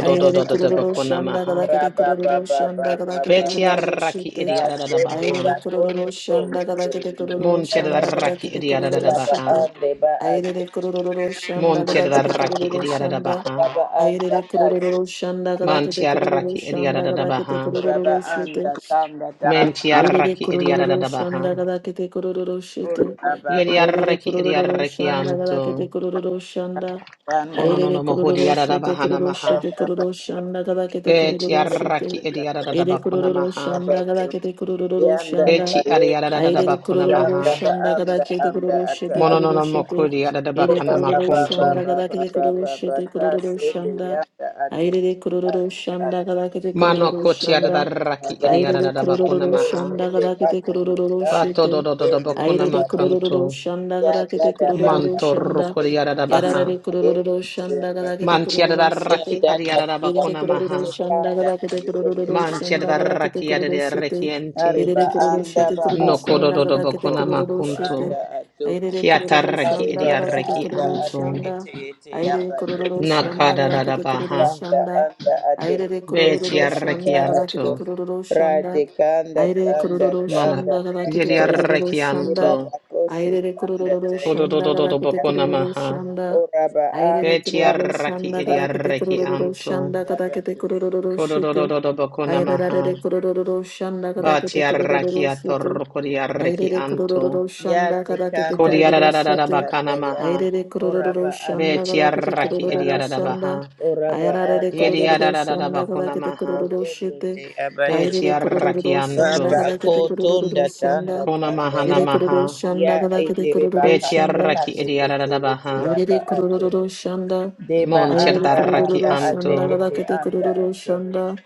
Aire kururu shanda gada kete kururu shanda gada kete kururu
Betiaraki
shete.
Rababababababababakasende
idiadadabaha.
Aire
bakondo
kororo shanda
tondo
gada kete
terinde
kororo shanda
tabato.
gada
Montiadaraki
kete kororo
Raba
idiadadabaha.
shete.
ande ba ate.
Aire kororo shanda gada kete
Montiadaraki
kororo shanda.
idiadadabaha.
Raba anda
Aire
kasi.
kororo shanda gada kete kororo
Mantiaraki
shanda gada kete
idiadadabaha.
Raba
kororo
anda
shete.
tanda taraba
Aire
Mentiaraki
kororo shanda
idiadadabaha.
gada kete kororo shete.
Raba
Aire
Yediaraki
kororo
idiaraki
shanda gada
anto.
kete kororo shanda.
anda
Kono no
Aire
no mahodi
kororo
yarada
shete
bahana
kororo
maha.
shete kororo shanda gada kete
Beti
kororo shete.
yarraki edi yarada da
Ere
bakuna
kururu
maha.
shanda gada kete kururu
Yanda
shanda.
Beti ari
tayende
yarada da
Aire
bakuna
kururu
yanda
maha.
ba
shanda gada
anda
kete
anda
kururu
ata
shete
Mono
aba
no
kururu
no
shete.
mokodi yarada
Ere
ora
bakana
ba
kururu
ba ba
makunto.
shanda
ba
gada
ba
kete
ba
kururu
ba ba
shete
ka
kururu
sende
shanda.
yanda ate
Aire kururu
anda
shanda gada kete
Mano
kururu
koti
ata
yarada
shanda.
ba
raki
ba
edi
ba ba
Aire
yarada da
ba
bakuna
kururu
ko
maha.
shanda
sende
gada
ba
kete
ko ndo
kururu
yanda
Bato do
shete.
do do do
tayende te
bakuna
Aire
aba te
kururu
makanto.
shanda
ya
gada
da
kete
da ba
kururu
ba
Manto
ko
shanda.
rokodi
sende
yarada
yanda
baha.
Yarare
tayende
kururu
te
shanda
aba
gada
te
kete
Manti yarada
kururu
ya
raki
shete.
da
edi
da ba
yarada
ba
Irede
bakuna
ko
kururu
se
maha.
shanda
kanda
galakete kete
tayende
kururu
Manti
shanda
yarada
gada kete
raki
kururu
yarada
shete.
rekiente.
Areba
Irede kururu
anda
shete
ba
kururu
No
ato
kodo
shanda
do do
gada kete
oto
bakuna
kururu
oto
shete.
makunto.
anda ato
Irede kururu
Kiataraki
shanda
areba
gada
ba
kete
idiaraki [laughs]
anda
kururu
ate
anto.
shanda.
kete ete
Irede
yaba
kururu shanda
Nakada
gada
da da
kete kururu
baha.
anda
shanda.
anda ate
Irede
ende
kururu
anda
Betiaraki
shanda gada kete
ato
anto.
kururu
rade
shanda.
anda
Irede
anda
kururu
Mana
anda
shanda gada
anda ya
kururu
yediaraki
yeba
shanda.
anto.
ba kosi
Irede
anda
kururu
taye
shanda gada
Kododododo bokona
kururu
maha.
shanda.
oraba
Aire
anda ba
kururu
Betiaraki
sanda kada
anda
kete
idiaraki
kururu
anto.
anda
shanda kada kete
yaba
kururu shite.
Kododododo bokona
Aire rare
maha.
kururu shanda kada kete
Batiaraki
kururu shite.
atorokodiaraki
Aire
anto.
kururu
Ya
shanda kada kete
tikanda
kururu
tanda
Kodiarada
shite.
bakana
tanda ya.
maha.
Aire kururu
Oraba ate
shanda kada
ete
kete
Betiaraki
anda
kururu
idiarada
ate.
shanda.
baha.
Oraba
Aire rare
anda tanda
kururu
Yediarada
shanda kada
bakona
kete
tanda
maha.
kururu
tayende
shite.
te abate.
Aire
Betiaraki
kururu shanda
Baba
anto.
kada kete
kotunda
kururu
tanda
shanda.
Kona
tanda
mahana
Aire
ya.
kururu
maha.
Ya
shanda kada kete
itere
kururu
baka
shanda.
Betiaraki
sekate kete ete
idiaradabaha.
aba
Aire
ato.
kururu shanda.
Deba
Aire
anda
Montiadaraki
anda
kurururu
ate
shanda
anto.
gada
ete
kete
anda
kurururu
ato.
shanda.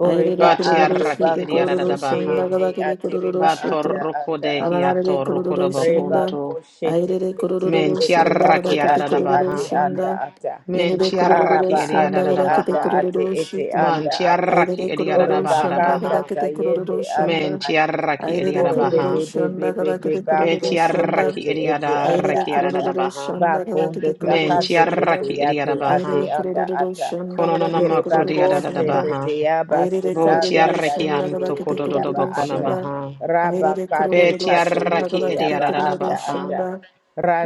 Aire
uriba
kurururu
ando
Batiaraki
shete
bako
kurururu
sete
idiaradabaha.
shanda
ete
gada kete
atere
kurururu
ba
shete.
anda
Batoroko
anda
de
ato.
Anarare
hiato
kurururu
Reba
shanda.
ko
rokodobokunto.
shete
Aire
ete
kurururu
ete
shanda
ate
gada
Mentiaraki
kete
ate
kurururu
ate
adadabaha.
anda
shanda.
ata
Yenide kurururu
Mentiaraki
araba
shanda
ate
gada kete
anda
idiaradabaha.
ate
kurururu
ete
shete.
anda ata
Mantiaraki
Aire
ore
kurururu shanda
bakanda
gada
idiaradabaha.
kete kurururu
tayende anda
shanda.
ata
Mentiaraki
Aire
ore
idiarabaha.
kurururu
bebe bebe
shanda gada
bebe
kete
bako
kurururu
sende
shanda.
Betiaraki
ke ete anda
Aire
idiaraki
ata
kurururu
adadabaha.
shanda gada
bakondo
kete kurururu
takate
shanda.
kete
Mentiaraki
yate
Aire
ate
idiarabaha.
anda
kororo
ata
shanda gada
Kononono
kete
yere
makudia
bako
kororo
da da da
shanda.
sende
baha.
te yaba
Aire
Bo
sesanda
kororo
tiaraki
shanda
tayete
gada
anto
kete
ete
kododo
yaba
kororo
bokona
ata
shada.
maha.
raba
Aire
kate
Be
kororo
kate
shanda
ete
tiaraki
gada kete
edia
yaba
da da da
kororo
anda
baha.
ata
shanda.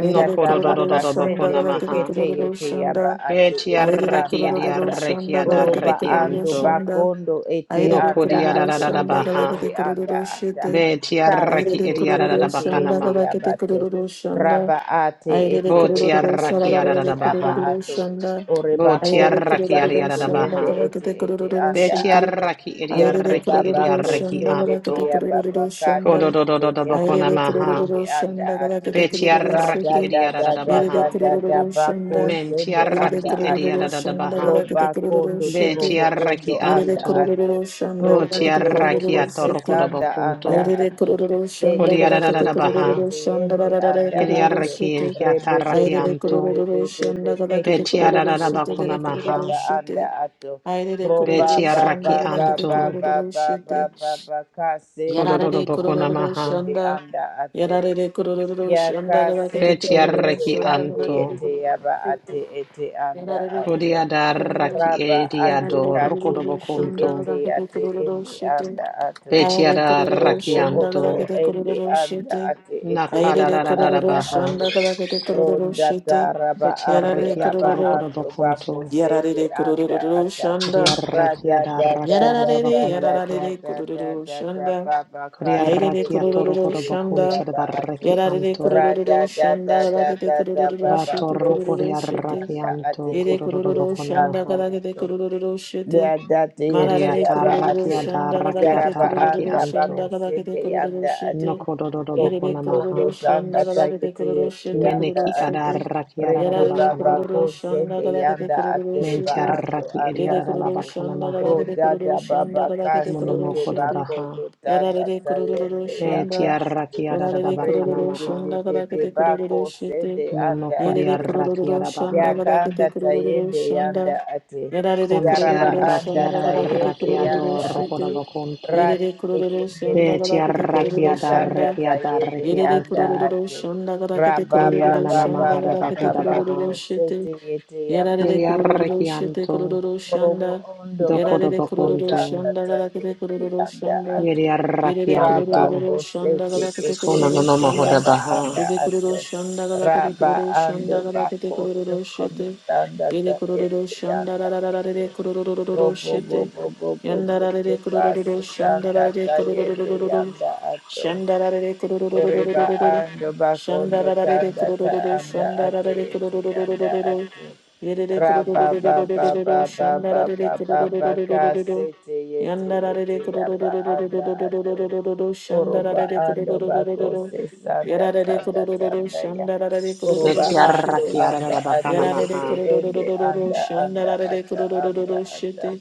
No
Aire
kododo
kororo
tabaka
shanda
sende
bokona
gada kete
maha.
tekete
kororo
yete yaba
shanda.
Be
atu ete
Aire
tiaraki
anda
edia
kororo
ata.
shanda
rekia da
gada kete
Uruba
reki
kororo
ando
anto.
shanda.
bakondo ete
No
Aire
anda
kodia
kororo
da da
ate
da da
shanda
ete
gada
baha.
ete
kete
anda
kororo
ata.
shete.
Be
Ka
tiaraki
Ayrede
edia
tekete
da da da
kururu
yete
bakana
şanda
yete
ma.
kabakete
yabato.
kururu şanda.
Raba ate
Ayrede
ete
Bo
ete
kururu
ende
tiaraki ada da
ete
şarararare
da
aba
baha.
kururu
ato.
şanda.
Oreba
Bo
Ayrede
kondo
tiaraki
ta
ada
kururu
da
yete
da
şanda
yende
baha.
ete
kabakete
ete
kururu
Be
anda
şindi.
ato.
tiaraki edia
Ayrede
Dende
reki
baba
edia
kururu
ko
reki
şanda
sende te
kabakete
anto.
yaba
kururu
baka
şanda.
tekete
Kodododododoboko
yende
Ayrede
ete ete
kururu
anda
shanda
ato.
kabakete kururu
Betiaraki
Rada
şindi.
da da da
Ayrede
da
ediadadabaha.
da da
kururu
bako
şanda.
sende
Ayrede
anda
Mentiaraki
ato.
kururu şanda
ediadadabaha.
kabakete
Roba
kururu
kondo
şindi.
torobo
Betiaraki
ondo
Ayrede
anda
anto.
ato.
kururu şanda
Rondo
kabakete
torobo
Botiaraki
kururu
kose
şindi.
sanda
Aire
anda
atorokodobokunto.
Ayrede
ato.
kurururu
Dete
şandara
se
rakete
ete
Kodiadadadabaha.
kurururu
ete
şandara
ende
rarara
anda
kurururu
ato.
Yediaraki
şete.
Rebe be
hiataraki
be
Ayrede
be
anto.
be be
kurururu
be be
de
keti
rakete
keti
kurururu
ete
şete
Betiadadabako
dere
ete
kurururu
namaha.
yaba anda
şete.
ato.
Ayrede
Roba
kurururu
ba ba
Betiaraki
şandara
ba
rakete
ba
anto.
ba
kurururu
ba ba
şete.
ba ba kasende
Yararede
anda
Kodododoboko
ato
kurururu
namaha.
ete
şanda.
anda ato.
Yararede kurururu şandara
Yakasete
rakete kurururu
ete
Betiaraki
şandara
yate
rakete
anto.
ete
kurururu
yaba
şete.
ate ete anda
Yararede kurururu
ato.
şandara.
Kodiadaraki
Raba ate
Yararede
kate
kurururu
ete
şandara
ediadorokodobokunto.
ete
rakete
ate
kurururu
ende
şete.
anda ato.
Ayrede
Betiada
kurururu
Robo
şandara
oto
rakianto,
rakete
ende
kurururu
anda
şete.
ate ete
nakada
Airere
da
ete
da da da
anda
kororo
baha,
shanda
ato.
karakete kororo
Ronda
shete.
ta raba
betia
ando
Yarare
rekiato
raba
kororo.
rokoda
ando bako
bakunto,
sete
Yarare
anda
kororo
ata.
kuria
shanda.
Ra da
rekiada
da da
rakiada
da
da
Yarare
da
bakuna
da
maha,
da
yarare
da da
kororo
da da
shanda.
ba ba ka
kuria
tu
Airere
tu tu
rakiato
ye
kororo
tu
rokoda
ye tu
shanda.
ya
bakuntia
ba
da
a tu.
Yarare
rekianto,
Ra
kororo
da da
shanda
da da
galagete
da da
kororo
ba ba
bato
shete
ko
kororo
se
rokodia
te
shete.
anda ate
rakianto,
Ere
ete
kododo
kororo
ete
bakuna
shanda
anda
maha,
a
galagete
tu.
kororo shete.
Ya date yete
kuria
Marare
ta
yaba
kororo
ate.
rakiada
shanda galagete
rakiata
Yaraba
kororo
anda
shanda
rakianto,
bako
galagete
sende
kororo
yanda
shete.
ate.
nokododo
Ere
Robo
bakuna
kondo
kororo
maha,
tanda
shanda galagete
tayete
kororo
yete
shete
yanda
meneki
kororo
ate.
ada
shete.
rakiada da
Rede
Yarare
bakana
baba
kororo
ko
maha.
shanda
sende
galagete
yanda ate
kororo
reba
shete.
ando
Mentiaraki
Ere
anda
kororo
ate.
ediadadabakana
shanda
maha.
galagete
Roda
kororo
da
shanda
baba ka
galagete kororo
sende
Monomoko da
shete.
baha.
bakondo tanda
Yarare kururu
tayende yanda
shanda.
ate.
Betiaraki
Yarare
adadabakana
Rede
kururu
de
maha.
de
shanda
de de
kadakete kururu
bako
shite.
sende anda
Monoko
Yerere
ate
kururu
diaraki
shanda
adabaha.
kadakete
yakanda
kururu
tayende yanda
shanda.
ate
Yarare
yaraba
kururu
Contiaraki
anda
shanda kadakete
tayende
adaraki
kururu
yanda
shite.
ate
adorokodabakonto.
rati
Yerere kururu
bekende
shanda kadakete
Betiaraki
kururu
bekende tanda
shanda.
adaraki
tayende
Yerere
yanda
adarakianto.
kurururu
ate
şanda gara kete
raba ba
kurururu
ba
Konyanana
ba
şanda
ba
gara
ba
kete
ba
kurururu
mahadabakodabaha.
şete.
kosete yete yaba
Yerere
anda
kurururu
ate
şete
Yeriarakianto.
kurururu
morobo
şanda.
ondo ba
Yerere
ondo
kurururu
Dokodabakonto.
tanda
şanda gara kete
tayende
kurururu
yanda
şanda.
ate
Yerere
Raba
Yeriarakianto.
kurururu
kosete
şanda gara kete
kekele
kurururu
Konanana
şanda.
yaba
baha.
anda
Yede
ato.
kururu şanda gara kete
Raba
kururu
ando
şanda gara kete
bako
kurururu
tukondo
şete.
tanda
Yede kurururu
tayete
şanda
yanda
ra ra ra ra
ato.
re kurururu
Robo bo
şete.
bo bo bo bo
Yanda ra
bo
re
kasi
kurururu şanda
santa
ra re
tayende
kurururu
yanda ato.
Shandarare
Oreba
kurururururururu.
ando bako ondo
Shandarare
tanda ta
kururururu.
anda ate
Shandarare
ete yanda
kururururururu.
ato.
Yerere
Raba ba ba ba
kurururururururu.
ba ba ba
Shandarare
ba ba
kururururururu.
kasete yete yete
Yandarare
yaba anda ato.
kurururururururu.
Oroba
Shandarare
ando bako
kururururururu.
se sanda
Yarare
tanda
kurururu.
tanda ya.
Shandarare
Oroba
Betiarra
ando
kururururururu.
kiara
anda
da bakana
ate
Yarare
ete
maha.
ende
kurururu
anda anda
shandarare de
ata anda
kurururu
ata.
shite.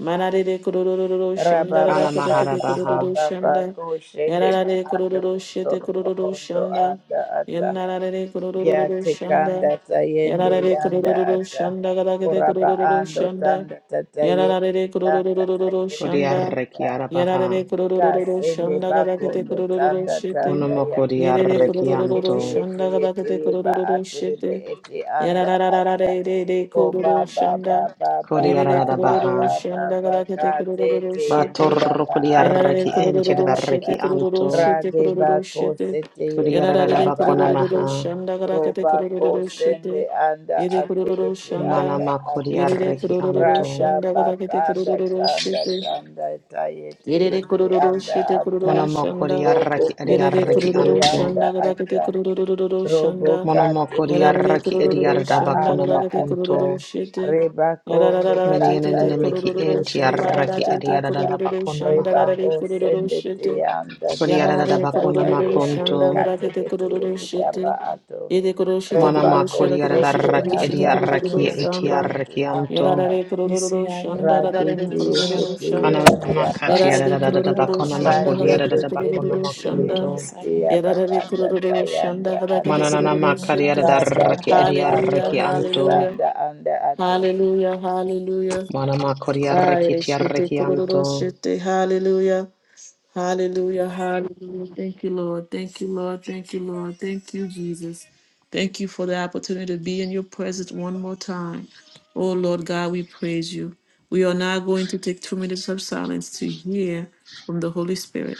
Manare de kurururu
Raba
shandarara
ba
Kana
ba
mahara
katakete
ba ba
baha.
kurururu
ba ba
shanda.
ko shende
Yarare
ba
de
ando
kurururu shite
otorobo
kurururu
ondo
shanda.
anda ata.
Yandarare de
Ya
kurururu shanda.
tekanda tayende
Yarare de
yanda
kurururu
ata.
shanda katakete
Oraba
kurururu
ando
shanda.
tanda tatayende
Yarare
tanda
kururururu
tayende
shanda.
Kodiarra
yanda ata.
kiara baha.
Yarare kururururu
Kasende
shanda
bako
gabakete
ndo
kurururu
tanda
shete.
tanda
Konomo
ya.
Yerere
kodiarra
Ete
kururururu
kete
kianto.
yete
shanda
yete
gabakete
yeba
kurururu
aterebe
shete.
ete anda ata.
Yararararare de de
O
kururu
ba ba ba
shanda.
ba ba
Yerere
ba
Kodiarra da
ba
kurururu
ba
baha.
ba
shanda
ba ka
gabakete
te
kurururu
te yete
shete.
Batorro
yaba
kodiarra
ando
Yarare
ki enti
anda
kurururu
da
ata.
reki
shete kurururu
anto.
shete
Rade
kurururu
bako
shete.
sete yete
Kodiarra da
Yarare
yaba
bakona
ato.
kurururu
maha.
shanda gabakete
Roba ko
kurururu
sende
shete.
anda
Yede
ate
kurururu
ete
shanda.
anda
Manama
ato.
Yerere
kodiarra ki
kurororo
anto.
Raga
shanda kabakete
bakanda
kurororo
tanda
shete.
tanda tayete
Yerere
yete
kurororo
anda
shete
ata.
kurororo
Monomo
shanda.
kodiarra
Robo
ki
Yerere
adiarra ki
koshende
kurororo
anto.
yanda
shanda kabakete
ata.
kurororo
Robo
shanda.
Monomo
kate
kodiarra
kete
Yarare
ki adiarra
kurororo
da
yeba
shanda
bakona
anda
kabakete
ata.
kurororo
makunto.
shete.
Reba kombe
Yarararara te te
tata
te
Menianenemeki
yete
kurororo
enti
yete
shamba rara
arraki
yanda
te te
ediadada
ata.
kurororo
bakona
shanda
Reba
maha.
rarare kurororo
kosende te
shete.
yanda tata
Kodiadada
Yanare
I
bakona
tata
kurororo
yende
shanda
makonto.
kate
kabakete
kete
kurororo
yete yaba
shete.
ato.
Yede kuroshete
Mana
Roba
kurororo shete
makodiadada
kuroshete
kosende
raki
kuroshete
ata ate
ediarraki
kurororo
ete
samba.
ete
etiarraki
anda
anto.
Yarare
ata.
kururu shanda rarare
Radete
kururu
yekete
Kana
shanda.
yete yaba
Yarare
makatiadada
kururu
bakona
shanda
Bade
galakete
makodiadada
bekende
bakona
kururu
tiyo
shanda.
makonto.
teya
Yarare
bakanda
kururu shanda
tayanda
galakete
ato.
Manana
kururu shete.
makadiadada
Bada
raki
gabako
Hallelujah,
ediarraki anto.
hallelujah,
susanda anda ato.
hallelujah, hallelujah.
Mana makodiarraki
Ayre shete
etiarraki
kururu
anto.
shete, hallelujah. Hallelujah, hallelujah. Thank you, Lord. Thank you, Lord. Thank you, Lord. Thank you, Jesus. Thank you for the opportunity to be in your presence one more time. Oh, Lord God, we praise you. We are now going to take two minutes of silence to hear from the Holy Spirit.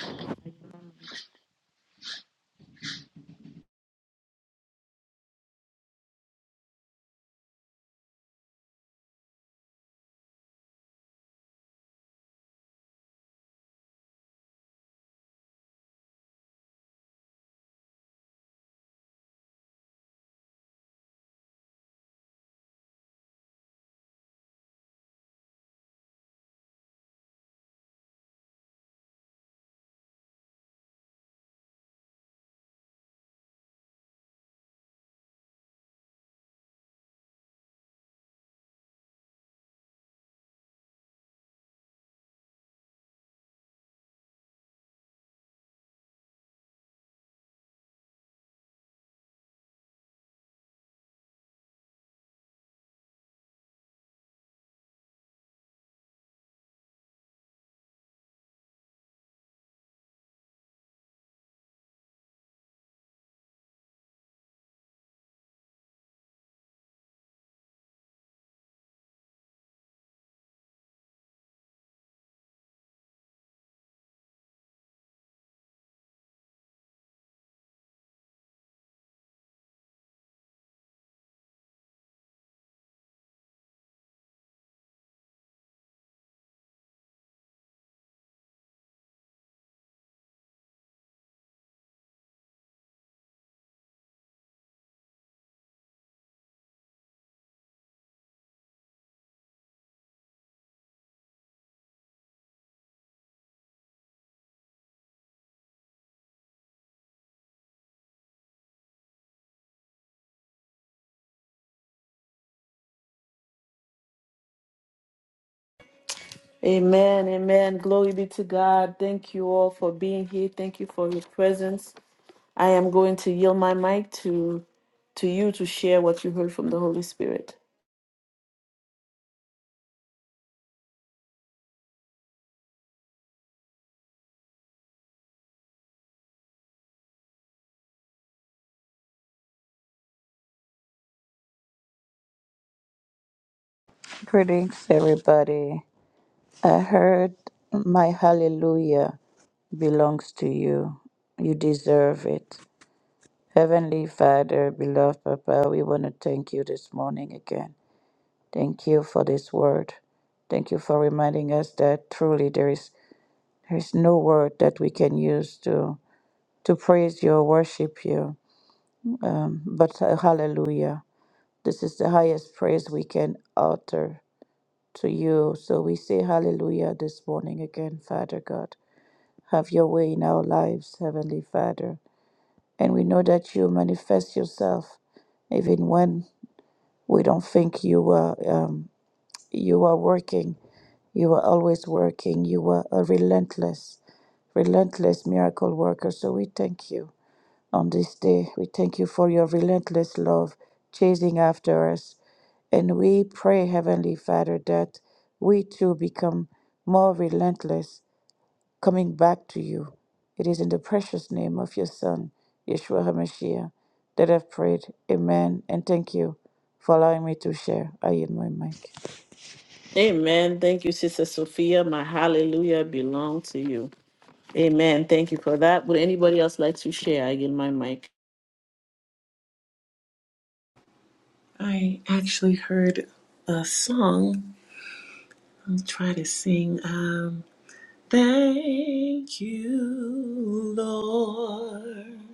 Amen. Amen. Glory be to God. Thank you all for being here. Thank you for your presence. I am going to yield my mic to to you to share what you heard from the Holy Spirit.
Greetings everybody. I heard my hallelujah belongs to you. You deserve it. Heavenly Father, beloved Papa, we want to thank you this morning again. Thank you for this word. Thank you for reminding us that truly there is there is no word that we can use to to praise you, worship you. Um, but uh, hallelujah. This is the highest praise we can utter to you. So we say hallelujah this morning again, Father God. Have your way in our lives, Heavenly Father. And we know that you manifest yourself even when we don't think you are, um, you are working. You are always working. You are a relentless, relentless miracle worker. So we thank you. on this day. We thank you for your relentless love chasing after us. And we pray, Heavenly Father, that we too become more relentless, coming back to you. It is in the precious name of your Son, Yeshua HaMashiach, that I've prayed. Amen. And thank you for allowing me to share. I yield my mic.
Amen. Thank you, Sister Sophia. My hallelujah belong to you. Amen. Thank you for that. Would anybody else like to share? I get my mic.
actually heard a song. I'll try to sing. Um, Thank you, Lord.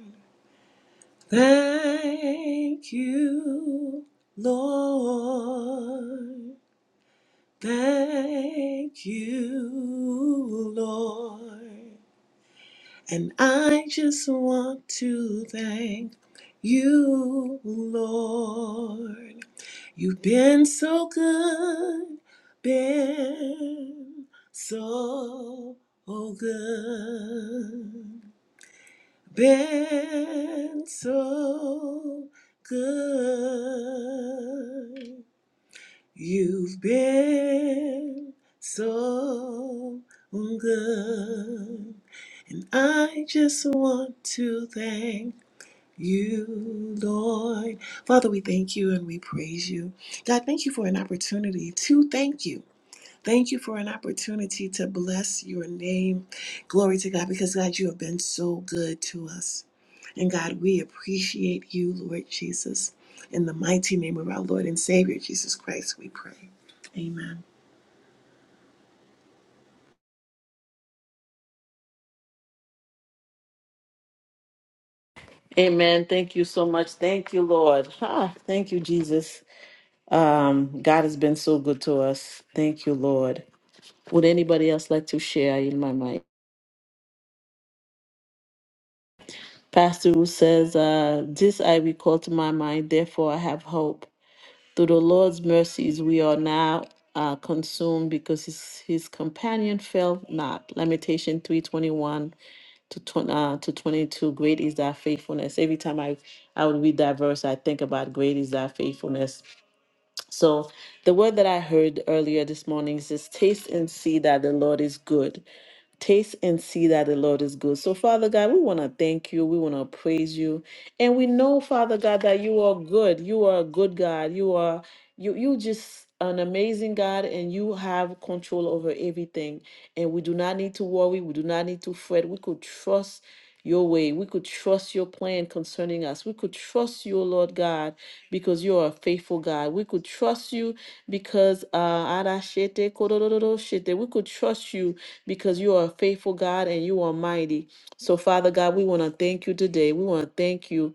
Thank you, Lord. Thank you, Lord. And I just want to thank you, Lord. You've been so good, been so good been so good. You've been so good. I just want to thank you, Lord. Father, we thank you and we praise you. God, thank you for an opportunity to thank you. Thank you for an opportunity to bless your name. Glory to God, because God, you have been so good to us. And God, we appreciate you, Lord Jesus. In the mighty name of our Lord and Savior, Jesus Christ, we pray. Amen.
Amen. Thank you so much. Thank you, Lord. Ah, thank you, Jesus. Um, God has been so good to us. Thank you, Lord. Would anybody else like to share? In my mic. Pastor who says, uh, this I recall to my mind, therefore I have hope. Through the Lord's mercies, we are now uh, consumed because his, his companion fell not. Lamentation 321 to, 20, uh, to 22. Great is thy faithfulness. Every time I, I would read that verse, I think about great is thy faithfulness. So the word that I heard earlier this morning is just taste and see that the Lord is good. Taste and see that the Lord is good. So, Father God, we want to thank you. We want to praise you. And we know, Father God, that you are good. You are a good God. You are you you just an amazing God and you have control over everything. And we do not need to worry. We do not need to fret. We could trust your way. We could trust your plan concerning us. We could trust you, Lord God, because you are a faithful God. We could trust you because uh Arashete Kororo Shete. We could trust you because you are a faithful God and you are mighty. So, Father God, we want to thank you today. We want to thank you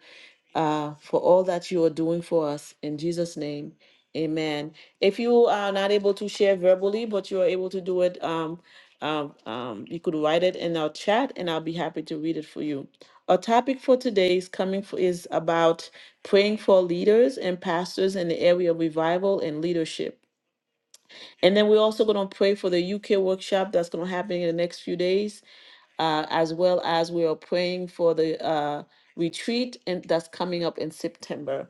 uh, for all that you are doing for us. In Jesus' name, amen. If you are not able to share verbally, but you are able to do it, um, um, um, you could write it in our chat and I'll be happy to read it for you. Our topic for today is coming for, is about praying for leaders and pastors in the area of revival and leadership. And then we're also going to pray for the UK workshop that's going to happen in the next few days uh, as well as we are praying for the uh, retreat and that's coming up in September.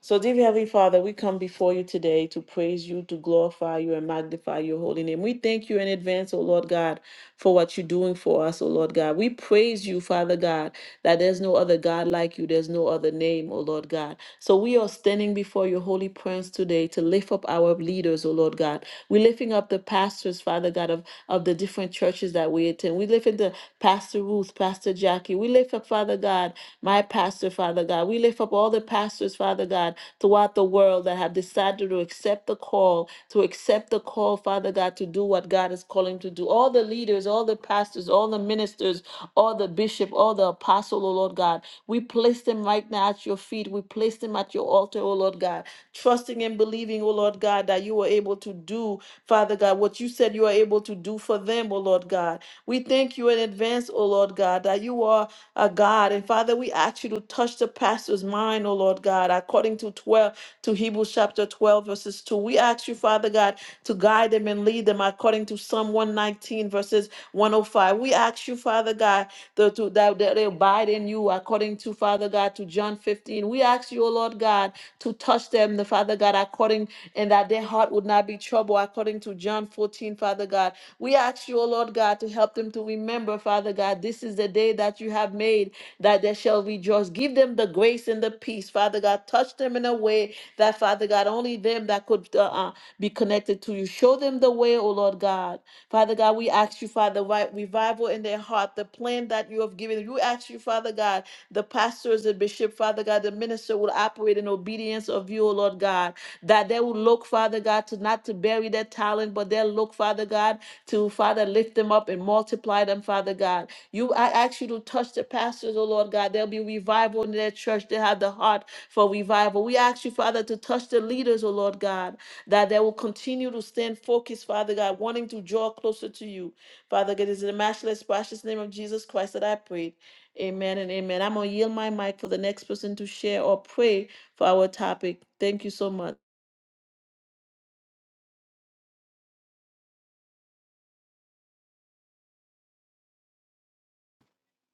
So, dear Heavenly Father, we come before you today to praise you, to glorify you, and magnify your holy name. We thank you in advance, O Lord God, for what you're doing for us, O Lord God. We praise you, Father God, that there's no other God like you, there's no other name, O Lord God. So we are standing before your holy presence today to lift up our leaders, O Lord God. We're lifting up the pastors, Father God, of, of the different churches that we attend. We lift up the Pastor Ruth, Pastor Jackie. We lift up, Father God, my pastor, Father God. We lift up all the pastors, Father God, throughout the world that have decided to accept the call, to accept the call, Father God, to do what God has called Calling to do. All the leaders, all the pastors, all the ministers, all the bishop, all the apostle, oh Lord God. We place them right now at your feet. We place them at your altar, oh Lord God. Trusting and believing, oh Lord God, that you are able to do, Father God, what you said you are able to do for them, oh Lord God. We thank you in advance, oh Lord God, that you are a God. And Father, we ask you to touch the pastor's mind, oh Lord God, according to 12, to him. Hebrews chapter 12, verses 2. We ask you, Father God, to guide them and lead them according to Psalm 119, verses 105. We ask you, Father God, to, to- that, that they abide in you according to, Father God, to John 15. We ask you, O Lord God, to touch them, the Father God, according and that their heart would not be troubled, according to John 14, Father God. We ask you, O Lord God, to help them to remember, Father God, this is the day that you have made that they shall rejoice. Give them the grace and the peace, Father God. Touch them in a way that, Father God, only them that could uh, uh, be connected to you. Show them the way, O Lord God. Father God, we ask you, Father, right revival in their heart, the plan that you have given. You ask you, Father God, the pastors, the bishop, Father God, the minister will operate in obedience of you, O Lord God, that they will look, Father God, to not to bury their talent, but they'll look, Father God, to, Father, lift them up and multiply them, Father God. You, I ask you to touch the pastors, O Lord God. There'll be revival in their church. They have the heart for revival. We ask you, Father, to touch the leaders, O Lord God that they will continue to stand focused, Father God, wanting to draw closer to you. Father God, it is in the matchless, precious name of Jesus Christ that I pray. Amen and amen. I'm going to yield my mic for the next person to share or pray for our topic. Thank you so much.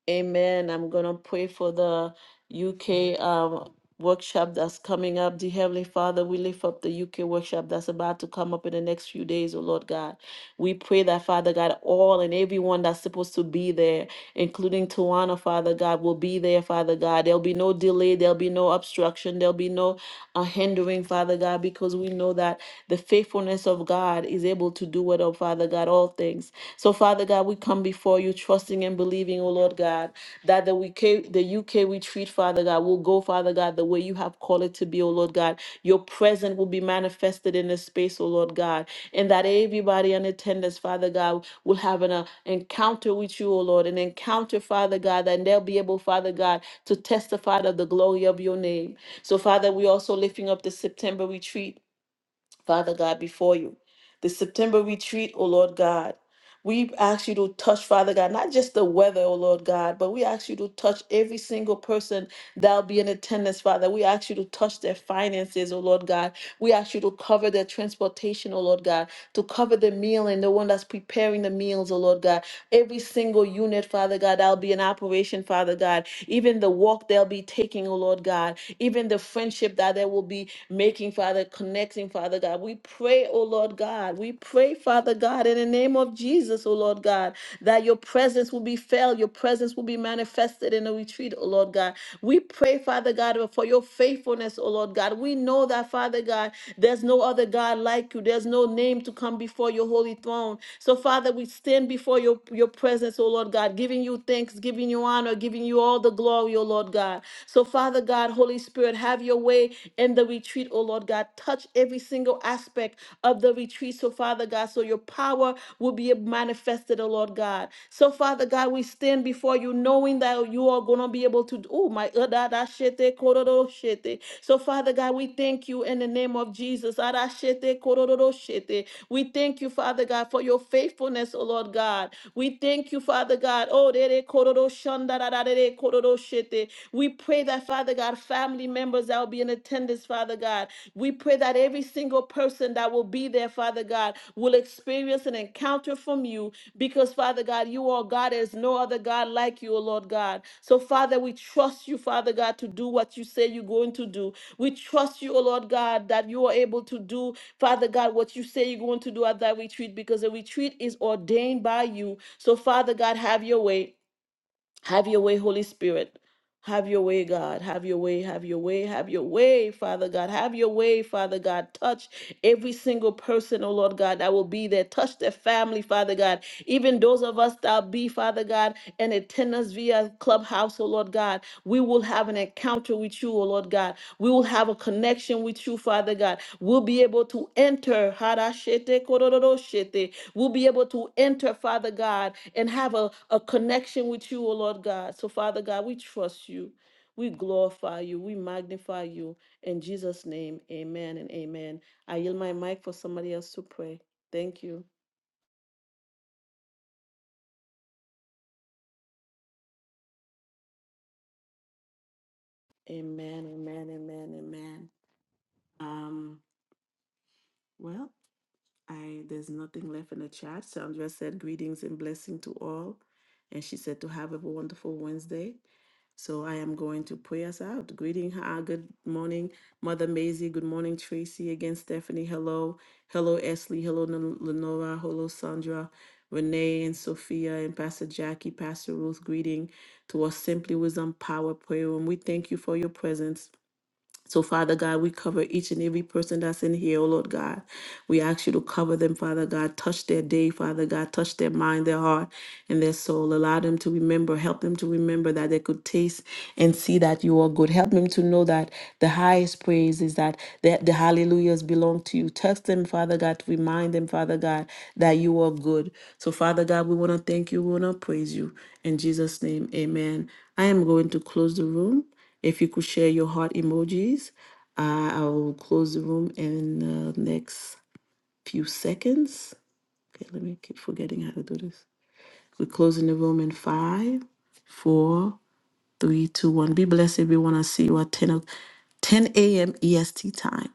Amen. I'm going to pray for the UK um, workshop that's coming up. The Heavenly Father, we lift up the UK workshop that's about to come up in the next few days, oh Lord God. We pray that, Father God, all and everyone that's supposed to be there, including Tawana, Father God, will be there, Father God. There'll be no delay, there'll be no obstruction, there'll be no uh, hindering, Father God, because we know that the faithfulness of God is able to do it, oh Father God, all things. So, Father God, we come before you, trusting and believing, oh Lord God, that the UK, the UK we treat, Father God, will go, Father God, the way you have called it to be, oh Lord God. Your presence will be manifested in this space, oh Lord God, and that everybody in attendance, Father God, will have an uh, encounter with you, oh Lord, an encounter, Father God, and they'll be able, Father God, to testify of the glory of your name. So, Father, we also lifting up the September retreat. Father God, before you. The September retreat, oh Lord God. We ask you to touch, Father God, not just the weather, oh Lord God, but we ask you to touch every single person that'll be in attendance, Father. We ask you to touch their finances, oh Lord God. We ask you to cover their transportation, oh Lord God, to cover the meal and the one that's preparing the meals, oh Lord God. Every single unit, Father God, that'll be in operation, Father God. Even the walk they'll be taking, oh Lord God. Even the friendship that there will be making, Father, connecting, Father God. We pray, oh Lord God. We pray, Father God, in the name of Jesus, oh Lord God, that your presence will be felt, your presence will be manifested in the retreat, oh Lord God. We pray, Father God, for your faithfulness, oh Lord God. We know that, Father God, there's no other God like you. There's no name to come before your holy throne. So, Father, we stand before your, your presence, oh Lord God, giving you thanks, giving you honor, giving you all the glory, oh Lord God. So, Father God, Holy Spirit, have your way in the retreat, oh Lord God. Touch every single aspect of the retreat, so Father God, so your power will be manifested, oh Lord God. So, Father God, we stand before you knowing that you you are going to be able to do. Oh, my. adadashete kororoshete. So, Father God, we thank you in the name of Jesus. Adashete kororoshete. We thank you, Father God, for your faithfulness, oh Lord God. We thank you, Father God. Oh, dere kororoshandararare kororoshete. we pray that, Father God, family members that will be in attendance, Father God, we pray that every single person that will be there, Father God, will experience an encounter from you because, Father God, you are God. There's no other God like you, O Lord God. So, Father, we trust you, Father God, to do what you say you're going to do. We trust you, O Lord God, that you are able to do, Father God, what you say you're going to do at that retreat because the retreat is ordained by you. So, Father God, have your way. Have your way, Holy Spirit. Have your way, God. Have your way, have your way, have your way, Father God. Have your way, Father God. Touch every single person, oh Lord God, that will be there. Touch their family, Father God. Even those of us that be, Father God, in attendance via clubhouse, oh Lord God. We will have an encounter with you, oh Lord God. We will have a connection with you, Father God. We'll be able to enter. Harashete kororo shete. We'll be able to enter, Father God, and have a, a connection with you, O Lord God. So, Father God, we trust you. We glorify you. We magnify you. In Jesus' name, amen and amen. I yield my mic for somebody else to pray. Thank you. Amen, amen, amen, amen. Um, well. I there's nothing left in the chat. Sandra said greetings and blessing to all. And she said to have a wonderful Wednesday. So I am going to pray us out. Greeting her. Good morning, Mother Maisie. Good morning, Tracy. Again, Stephanie. Hello. Hello, Esley. Hello, Len- Lenora. Hello, Sandra, Renee, and Sophia, and Pastor Jackie, Pastor Ruth. Greeting to us, Simply Wisdom Power Prayer. And we thank you for your presence. So, Father God, we cover each and every person that's in here, oh Lord God. We ask you to cover them, Father God. Touch their day, Father God. Touch their mind, their heart, and their soul. Allow them to remember. Help them to remember that they could taste and see that you are good. Help them to know that the highest praise is that the, the hallelujahs belong to you. Touch them, Father God. To Remind them, Father God, that you are good. So, Father God, we want to thank you. We want to praise you. In Jesus' name, amen. I am going to close the room. If you could share your heart emojis, uh, I will close the room in the next few seconds. Okay, let me keep forgetting how to do this. We're closing the room in five, four, three, two, one. Be blessed, everyone. I see you at 10, o- 10 a.m. EST time.